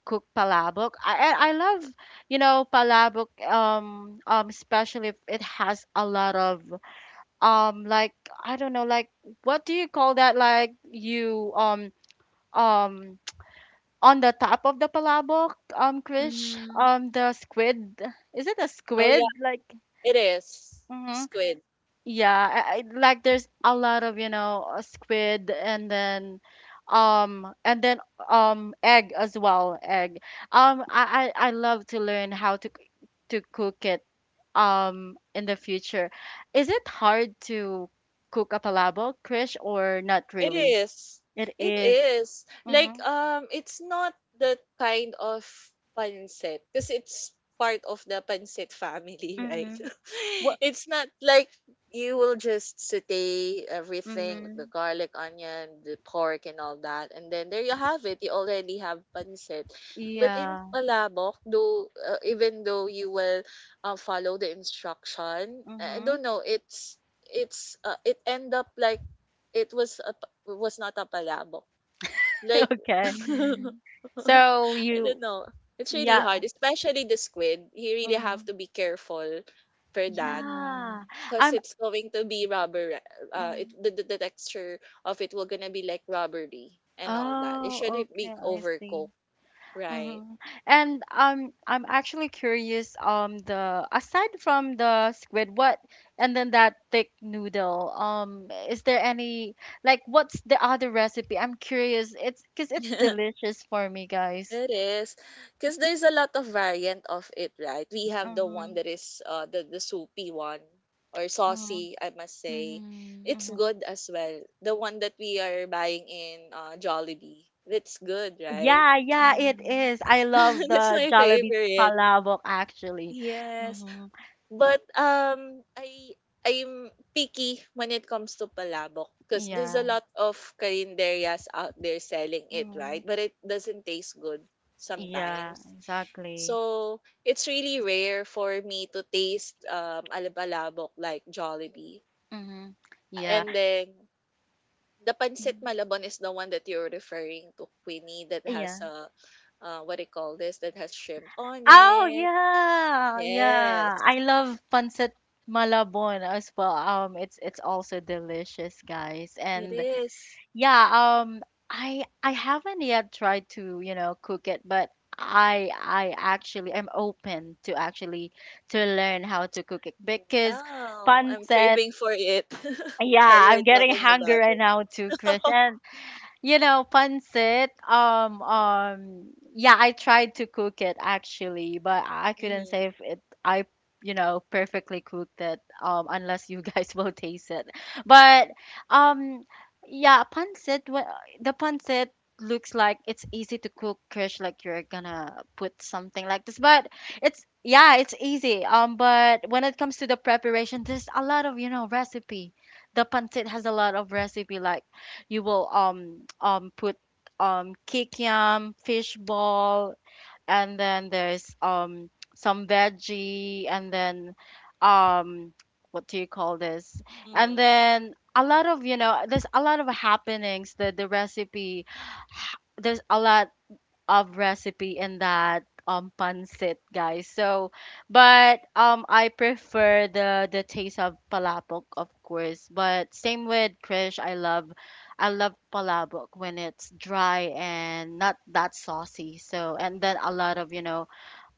A: cook palabok. I love palabok, especially if it has a lot of um like I don't know like what do you call that, like you um on the top of the palabok, Krish,
B: Mhm.
A: the squid. Is it a
C: Oh yeah,
A: squid,
C: it is
A: hmm?
C: squid.
A: Yeah, I like there's a lot of squid, and then egg as well, egg. I love to learn how to to cook it in the future. Is it hard to cook a palabok, Krish, or not
C: It
A: really?
C: is.
A: It
C: It
A: is.
C: is.
A: Mm-hmm.
C: Like, it's not the kind of pancit because it's part of the pancit family, right?
A: Mm-hmm. What?
C: It's not like you will just saute everything with the
A: Mm-hmm.
C: garlic, onion, the pork and all that, and then there you have it. You already have pancit. But in
A: Yeah.
C: palabok, though, even though you will follow the instruction, I
A: Mm-hmm.
C: don't know, it end up like it was a was not a palabok. Like,
A: Okay.
B: Mhm.
A: So
C: I don't
A: you.
C: know. It's really
A: Yeah.
C: hard, especially the squid. You really have
A: Mm-hmm.
C: to be careful for that
B: Uh-huh.
A: Yeah.
C: because
A: I'm.
C: it's going to be rubber. It
A: mm.
C: the, the, the texture of it will gonna be like rubbery and all that. It
A: Oh,
C: shouldn't
A: okay.
C: be
A: I see.
C: overcooked, right?
A: Mm-hmm. And I'm actually curious. The Aside from the squid, what and then that thick noodle. Is there any what's the other recipe? I'm curious. It's because it's delicious for me, guys.
C: It is because there's a lot of variant of it, right? We have the one
A: Mm-hmm.
C: that is the soupy one, or
A: Mm-hmm.
C: saucy, I must say.
B: Mhm.
C: It's
A: Mm-hmm.
C: good as well. The one that we are buying in Jollibee. It's good, right?
A: Yeah, yeah,
B: Yeah.
A: it is. I love
C: That's
A: the
C: my
A: Jollibee
C: favorite.
A: palabok, actually.
C: Yes.
A: Mm-hmm.
C: But I'm picky when it comes to palabok because there's a
A: Yeah.
C: lot of carinderias out there selling it, right?
A: Mm-hmm.
C: But it doesn't taste good
A: Yeah,
C: sometimes.
A: exactly.
C: So it's really rare for me to taste alabalabok like Jollibee.
A: Mm-hmm. Yeah.
C: And then the pancit
A: Mhm.
C: malabon is the one that you're referring to, Queenie, that has
A: Yeah.
C: a what do you call this? That has shrimp on
A: Oh
C: it.
A: yeah,
C: Yes,
A: yeah. I love pancit malabon as well. It's also delicious, guys.
C: it
A: And
C: is.
A: yeah, I haven't yet tried to cook it, but I actually am open to actually to learn how to cook it because
C: Wow, I'm
A: pancit.
C: craving for it while
A: Yeah,
C: we're
A: I'm getting
C: talking
A: hungry
C: about
A: right
C: it.
A: now too, Krish, you know, pancit. Yeah, I tried to cook it actually, but I couldn't
C: Hmm.
A: say if you know, perfectly cooked it. Unless you guys will taste it. But um, yeah, pancit. The pancit looks like it's easy to cook, Krish. Like you're gonna put something like this, but it's, yeah, it's easy. But when it comes to the preparation, there's a lot of, you know, recipe. The pancit has a lot of recipe, like you will put kick yam, fish ball, and then there's some veggie, and then um what do you call this? And
C: Hmm.
A: then a lot of, you know, there's a lot of happenings. The recipe, there's a lot of recipe in that pancit, guys. So, but I prefer the taste of palabok, of course. But same with Krish, I love palabok when it's dry and not that saucy. So, and then a lot of, you know,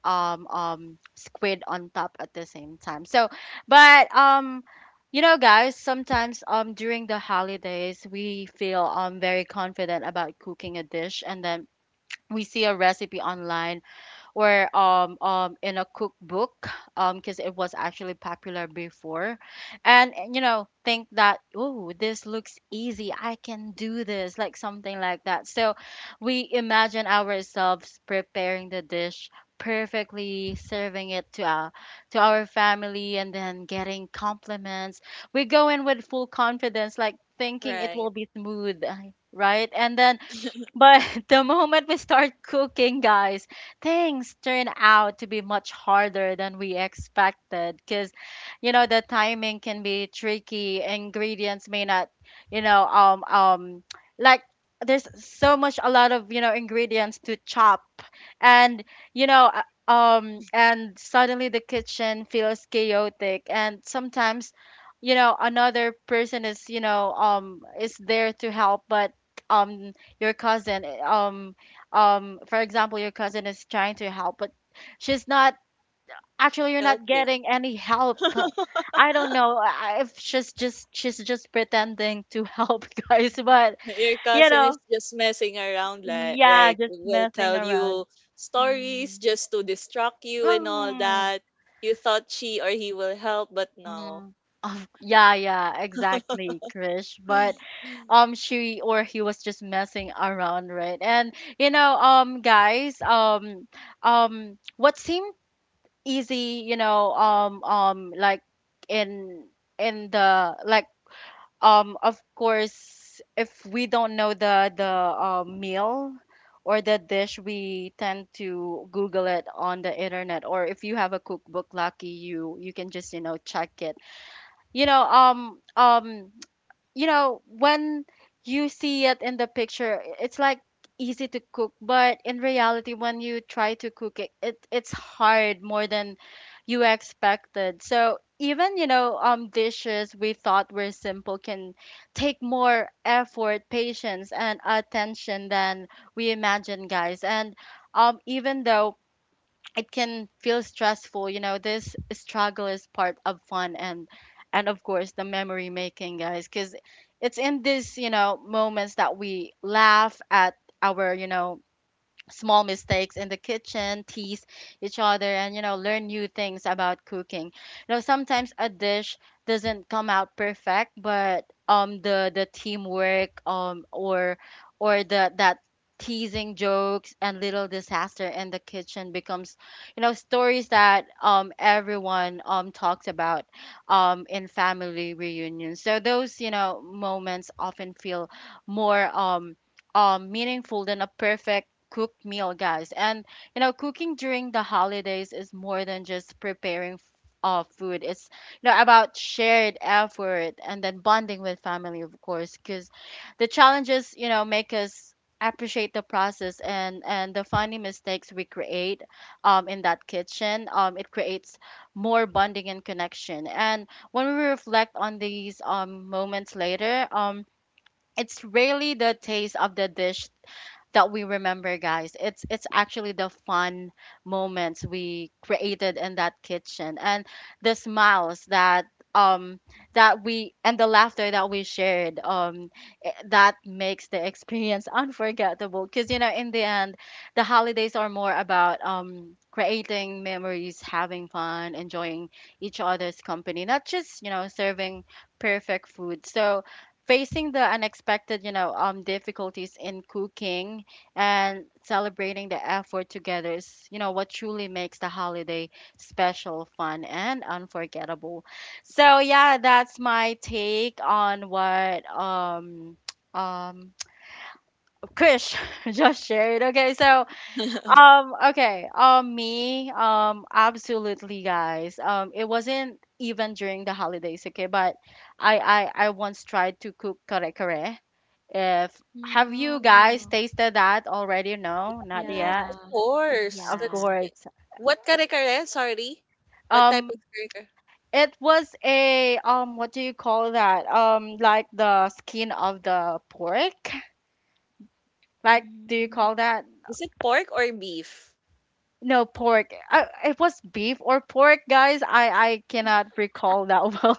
A: squid on top at the same time. So, but you know, guys, sometimes during the holidays we feel very confident about cooking a dish, and then we see a recipe online or in a cookbook, because it was actually popular before, and you know, think that, oh, this looks easy, I can do this, like something like that. So we imagine ourselves preparing the dish perfectly, serving it to our family, and then getting compliments. We go in with full confidence, like thinking it
C: Right.
A: will be smooth, right? And then, but the moment we start cooking, guys, things turn out to be much harder than we expected, because, you know, the timing can be tricky. Ingredients may not, you know, like, there's so much, a lot of, you know, ingredients to chop, and you know, and suddenly the kitchen feels chaotic. And sometimes, you know, another person is, you know, is there to help, but um your cousin, for example, your cousin is trying to help, but she's not actually, you're not
C: Helping.
A: getting any help. I don't know. If she's just pretending to help, guys, but
C: Your
A: you
C: cousin is
A: know,
C: just messing around, like,
A: yeah,
C: right?
A: just
C: Will
A: messing
C: tell
A: around.
C: you stories
B: Mhm.
C: just to distract you and all
A: mm,
C: that. You thought she or he will help, but no.
A: mm. Of- yeah, yeah, exactly, Krish, but she or he was just messing around, right? And you know, guys, what seems easy, you know, like in in the like of course, if we don't know the meal or the dish, we tend to google it on the internet, or if you have a cookbook, lucky you, you can just, you know, check it, you know. You know, when you see it in the picture, it's like easy to cook, but in reality, when you try to cook it, it's hard, more than you expected. So, even, you know, dishes we thought were simple can take more effort, patience, and attention than we imagine, guys. And even though it can feel stressful, you know, this struggle is part of fun, and of course the memory making, guys, because it's in this, you know, moments that we laugh at our, you know, small mistakes in the kitchen, tease each other, and you know, learn new things about cooking. You know, sometimes a dish doesn't come out perfect, but the teamwork, or the that teasing jokes and little disaster in the kitchen, becomes, you know, stories that everyone talks about in family reunions. So those, you know, moments often feel more meaningful than a perfect cooked meal, guys. And you know, cooking during the holidays is more than just preparing food. It's, you know, about shared effort and then bonding with family, of course, because the challenges, you know, make us appreciate the process, and the funny mistakes we create in that kitchen, it creates more bonding and connection. And when we reflect on these moments later, it's really the taste of the dish that we remember, guys. It's actually the fun moments we created in that kitchen, and the smiles that um that we and the laughter that we shared, that makes the experience unforgettable, because you know, in the end, the holidays are more about creating memories, having fun, enjoying each other's company, not just, you know, serving perfect food. So, facing the unexpected, you know, difficulties in cooking, and celebrating the effort together is, you know, what truly makes the holiday special, fun, and unforgettable. So yeah, that's my take on what um Krish just shared. Okay, so okay, me absolutely, guys. It wasn't even during the holidays, okay, but I once tried to cook kare kare. If Have you guys
B: Oh.
A: tasted that already? No, not
C: Yes,
A: yet.
C: of
B: Yeah.
C: course.
A: Of
C: That's
B: Yeah.
A: course.
C: what kare kare? Sorry. What type of
A: Um,
C: kare.
A: it was a, what do you call that? Like the skin of the pork. Like, do you
B: Mhm.
A: call that?
C: Is it pork or beef?
A: No, pork. It was beef or pork, guys. I cannot recall that well,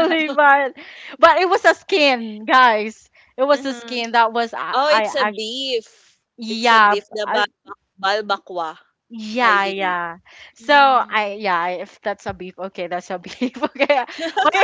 B: Okay.
A: but it was a skin, guys. It was a
B: Uh-huh.
A: skin that was
C: Oh, it's a
A: actually
C: beef. It's a
A: yeah.
C: beef, the
A: I,
C: balbakwa, I
A: yeah,
C: believe.
A: yeah. So I
B: Mhm.
A: yeah, if that's a beef, okay, that's a beef. Okay, but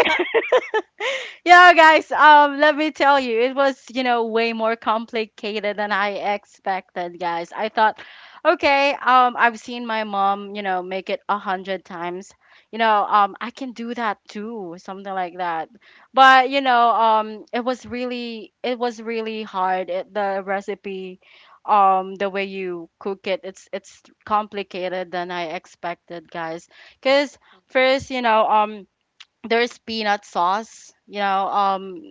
A: yeah, guys, let me tell you, it was, you know, way more complicated than I expected, guys. I thought, okay, I've seen my mom, you know, make it 100 times, you know, I can do that too, something like that. But you know, it was really, it was really hard, the recipe, the way you cook it, it's complicated than I expected, guys, because first, you know, there's peanut sauce, you know.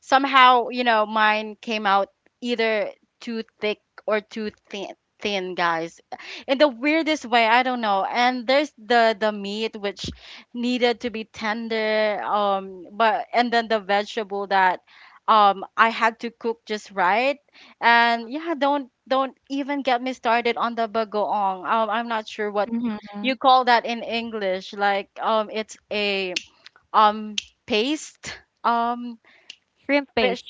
A: Somehow, you know, mine came out either too thick or too thin, thin, guys, in the weirdest way, I don't know. And there's the meat which needed to be tender, but and then the vegetable that I had to cook just right. And yeah, don't even get me started on the bagoong, I'm not sure what
B: Mm-hmm.
A: you call that in English, like, it's a um paste, um
B: Shrimp
A: fish,
B: paste.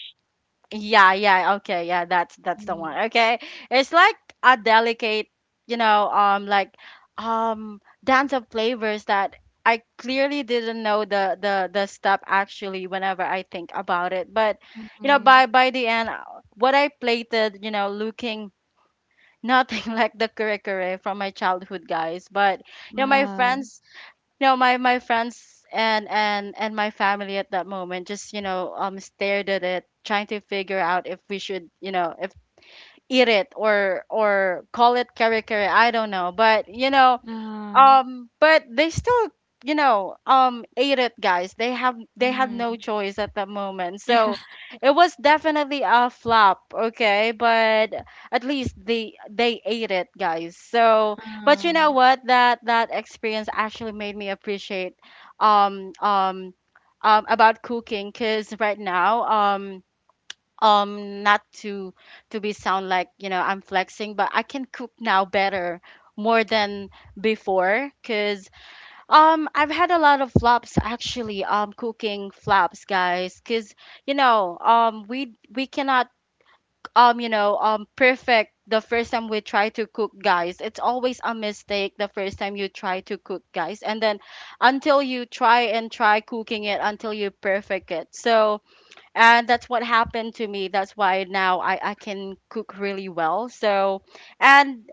A: yeah yeah, okay, yeah, that's the
B: Mhm.
A: one, okay. It's like a delicate, you know, dance of flavors that I clearly didn't know the step, actually, whenever I think about it. But you know,
B: Mm-hmm.
A: by the end, what I plated, you know, looking nothing like the curry from my childhood, guys. But you know, my
B: Uh-huh.
A: friends, no, my friends and my family at that moment just, you know, stared at it, trying to figure out if we should, you know, if eat it or call it kare kare. I don't know. But, you know,
B: Uh-huh.
A: but they still ate it, guys. They have they had no
B: Mm-hmm.
A: choice at the moment,
B: Yeah.
A: so it was definitely a flop, okay, but at least they ate it, guys, so. But you know
B: Uh-huh.
A: what, that experience actually made me appreciate um um about cooking. Because right now, not to be sound like, you know, I'm flexing, but I can cook now better more than before, because I've had a lot of flops, actually, cooking flops, guys, because we cannot, perfect the first time we try to cook, guys. It's always a mistake the first time you try to cook, guys, and then until you try and try cooking it until you perfect it, so. And that's what happened to me. That's why now I can cook really well, so. And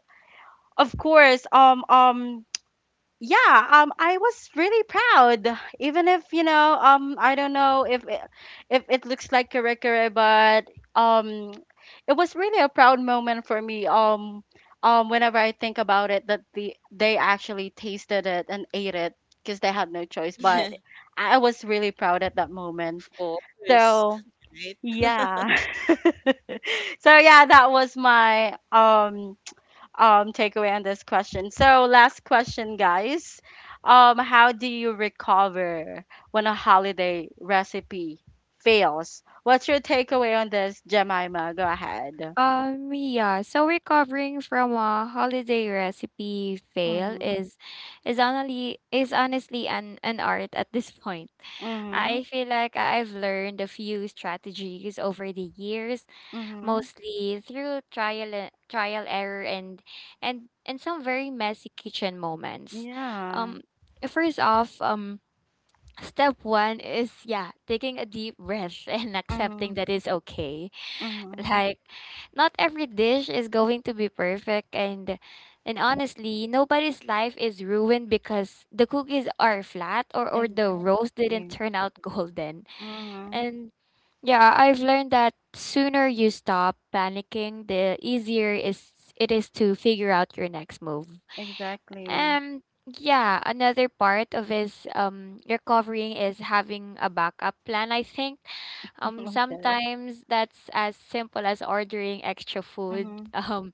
A: of course, yeah I was really proud, even if, you know, I don't know if it looks like curry, but um it was really a proud moment for me. Whenever I think about it, that they actually tasted it and ate it because they had no choice. But I was really proud at that moment,
C: Of course.
A: so
C: Right?
A: yeah. So yeah, that was my takeaway on this question. So last question, guys. How do you recover when a holiday recipe fails? What's your takeaway on this, Jemima? Go ahead.
B: Yeah, so recovering from a holiday recipe fail
A: Mhm.
B: is honestly an art at this point.
A: Mhm.
B: I feel like I've learned a few strategies over the years,
A: Mhm.
B: mostly through trial error and some very messy kitchen moments.
A: Yeah.
B: Um, first off, um, step one is, yeah, taking a deep breath and accepting
A: Mhm.
B: that it's okay.
A: Mhm.
B: Like, not every dish is going to be perfect, and honestly, nobody's life is ruined because the cookies are flat or the roast didn't
A: Exactly.
B: turn out golden.
A: Mhm.
B: And yeah, I've learned that sooner you stop panicking, the easier is it is to figure out your next move.
A: Exactly.
B: Yeah, another part of is, um, recovering is having a backup plan, I think.
A: Okay.
B: Sometimes that's as simple as ordering extra food,
A: Mhm.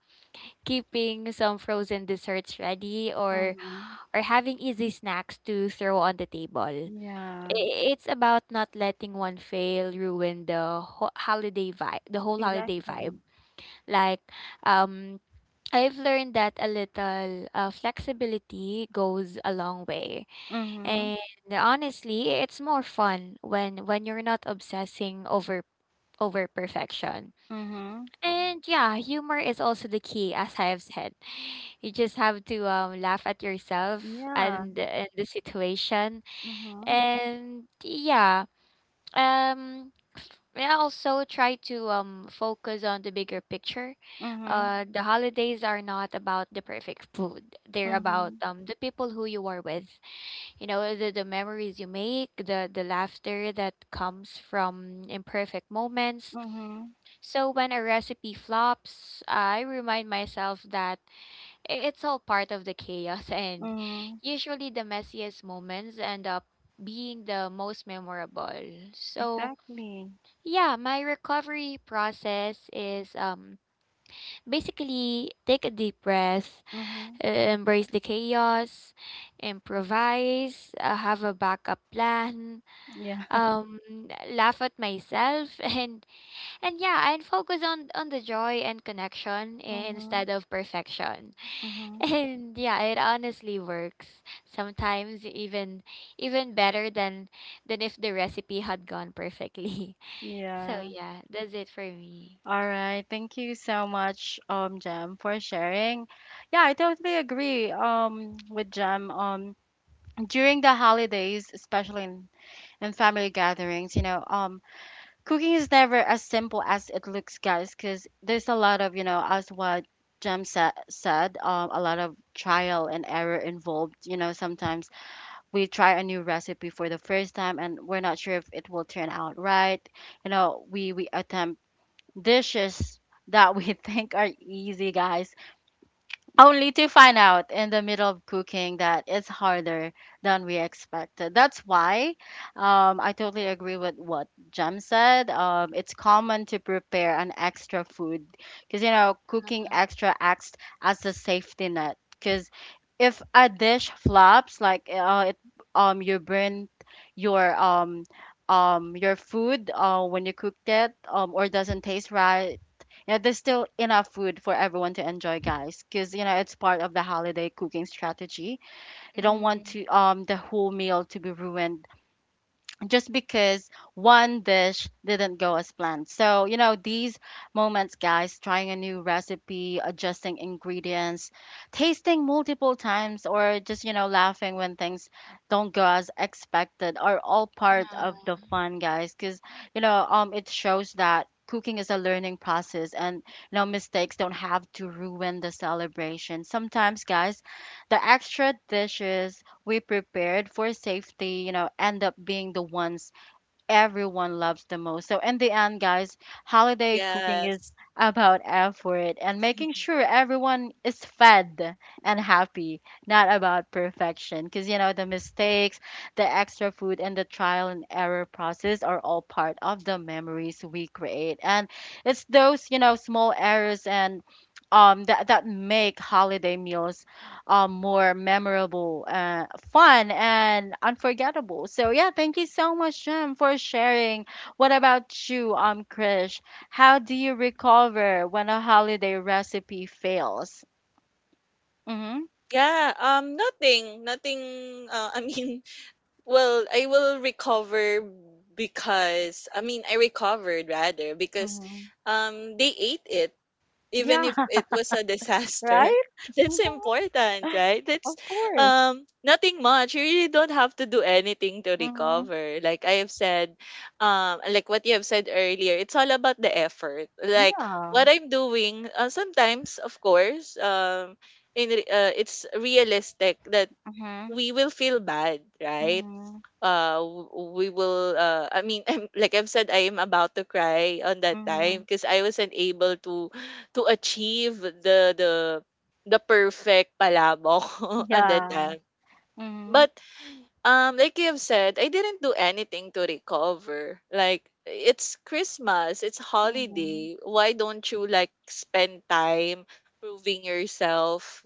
B: keeping some frozen desserts ready, or
A: Mhm.
B: having easy snacks to throw on the table.
A: Yeah.
B: It's about not letting one fail ruin the ho holiday vibe, the whole holiday vibe.
A: Exactly.
B: Like, um, I've learned that a little, flexibility goes a long way.
A: Mhm.
B: And honestly, it's more fun when you're not obsessing over perfection.
A: Mhm.
B: And yeah, humor is also the key as I have said. You just have to, laugh at yourself
A: Yeah.
B: and the situation.
A: Mhm.
B: And yeah, um, yeah, also try to, um, focus on the bigger picture.
A: Mhm.
B: The holidays are not about the perfect food. They're about,
A: Mhm.
B: um, the people who you are with. You know, the memories you make, the laughter that comes from imperfect moments.
A: Mhm.
B: So when a recipe flops, I remind myself that it's all part of the chaos, and
A: Mhm.
B: usually the messiest moments end up being the most memorable. So
A: Exactly.
B: yeah, my recovery process is, um, basically take a deep breath,
A: Mhm.
B: embrace the chaos, improvise, have a backup plan,
A: Yeah.
B: um, laugh at myself and yeah, and focus on the joy and connection instead
A: Mhm.
B: of perfection.
A: Mhm.
B: And yeah, it honestly works. Sometimes even even better than if the recipe had gone perfectly. So
A: Yeah.
B: yeah, that's it for me.
A: All right, thank you so much, Jam, for sharing. Yeah, I totally agree, with Jam. During the holidays, especially in family gatherings, you know, cooking is never as simple as it looks, guys, because there's a lot of, you know, as what said, a lot of trial and error involved. You know, sometimes we try a new recipe for the first time and we're not sure if it will turn out right. You know, we attempt dishes that we think are easy, guys, only to find out in the middle of cooking that it's harder than we expected. That's why, I totally agree with what Jem said. It's common to prepare an extra food because, you know, cooking extra acts as a safety net. Because if a dish flops, like you burn your um, your food when you cooked it, or doesn't taste right, yeah, there's still enough food for everyone to enjoy, guys, because you know it's part of the holiday cooking strategy. You don't want
B: Mm-hmm.
A: to the whole meal to be ruined just because one dish didn't go as planned. So, you know, these moments, guys, trying a new recipe, adjusting ingredients, tasting multiple times, or just, you know, laughing when things don't go as expected are all part of
B: Yeah,
A: the fun, guys, because, you know, it shows that cooking is a learning process, and you know mistakes don't have to ruin the celebration. Sometimes, guys, the extra dishes we prepared for safety, you know, end up being the ones everyone loves the most. So, in the end, guys, holiday cooking is
C: Yes.
A: about effort and making sure everyone is fed and happy, not about perfection. Because, you know, the mistakes, the extra food, and the trial and error process are all part of the memories we create. And it's those, you know, small errors and that, that make holiday meals more memorable, fun, and unforgettable. So yeah, thank you so much, Jem, for sharing. What about you, Krish? How do you recover when a holiday recipe fails? Mm-hmm.
C: Yeah, nothing uh, I mean, well, I will recover because I mean, I recovered rather because
A: Mm-hmm.
C: they ate it even
A: Yeah.
C: if it was a disaster.
A: Right.
C: That's important, right? That's
A: Of course.
C: nothing much. You really don't have to do anything to
A: Mm-hmm.
C: recover. Like I have said, like what you have said earlier, it's all about the effort. Like what
A: Yeah.
C: I'm doing, sometimes, of course, it's realistic that
A: Mm-hmm.
C: we will feel bad, right?
A: Mm-hmm.
C: W- we will I mean like I've said, I am about to cry on that
A: Mm-hmm.
C: time because I wasn't able to achieve the perfect palabok on that
A: Yeah.
C: time.
A: Mm-hmm.
C: But like you have said, I didn't do anything to recover. Like, it's Christmas, it's
A: Mm-hmm.
C: holiday, why don't you like spend time proving yourself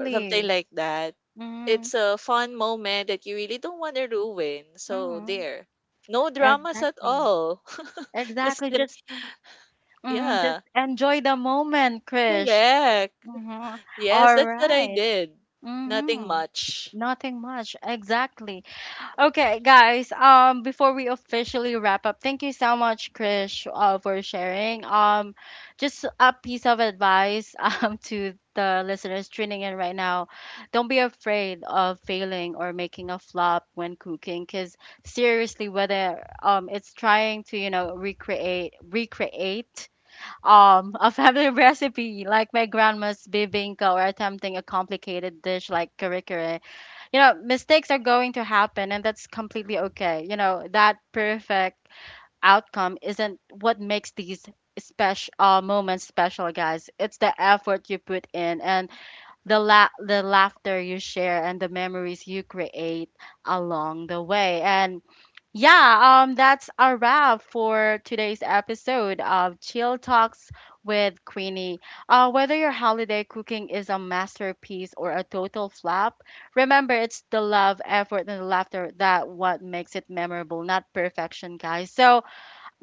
C: or something like that.
A: Mm-hmm.
C: It's a fun moment that you really don't want to ruin. So
A: Mm-hmm.
C: there. No dramas at
A: Exactly.
C: all. Just
A: Exactly. Just, Mm-hmm, just
C: yeah.
A: enjoy the moment, Krish.
C: Correct.
A: Mm-hmm.
C: Yes,
A: All
C: that's what I
A: right.
C: did. Nothing
A: Mm-hmm.
C: much.
A: Nothing much. Exactly. Okay, guys, before we officially wrap up, thank you so much, Krish, for sharing. Just a piece of advice, to the listeners tuning in right now. Don't be afraid of failing or making a flop when cooking, because seriously, whether it's trying to, you know, recreate a family recipe like my grandma's bibinka, or attempting a complicated dish like kare kare. You know, mistakes are going to happen and that's completely okay. You know, that perfect outcome isn't what makes these special, moments special, guys. It's the effort you put in, and the laughter you share, and the memories you create along the way. And yeah, that's a wrap for today's episode of Chill Talks with Queenie. Whether your holiday cooking is a masterpiece or a total flop, remember it's the love, effort, and the laughter that what makes it memorable, not perfection, guys. So,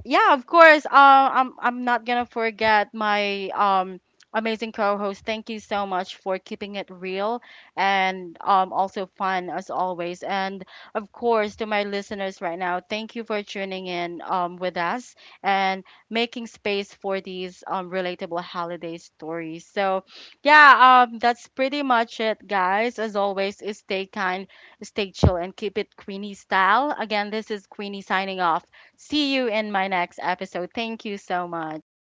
A: yeah, of course. I'm not gonna forget my amazing co-host. Thank you so much for keeping it real, and also fun as always. And of course,
C: Mm-hmm.
A: to my listeners right now, thank you for tuning in with us and making space for these relatable holiday stories. So, yeah, that's pretty much it, guys. As always, stay kind, stay chill, and keep it Queenie style. Again, this is Queenie signing off. See you in my next episode. Thank you so much.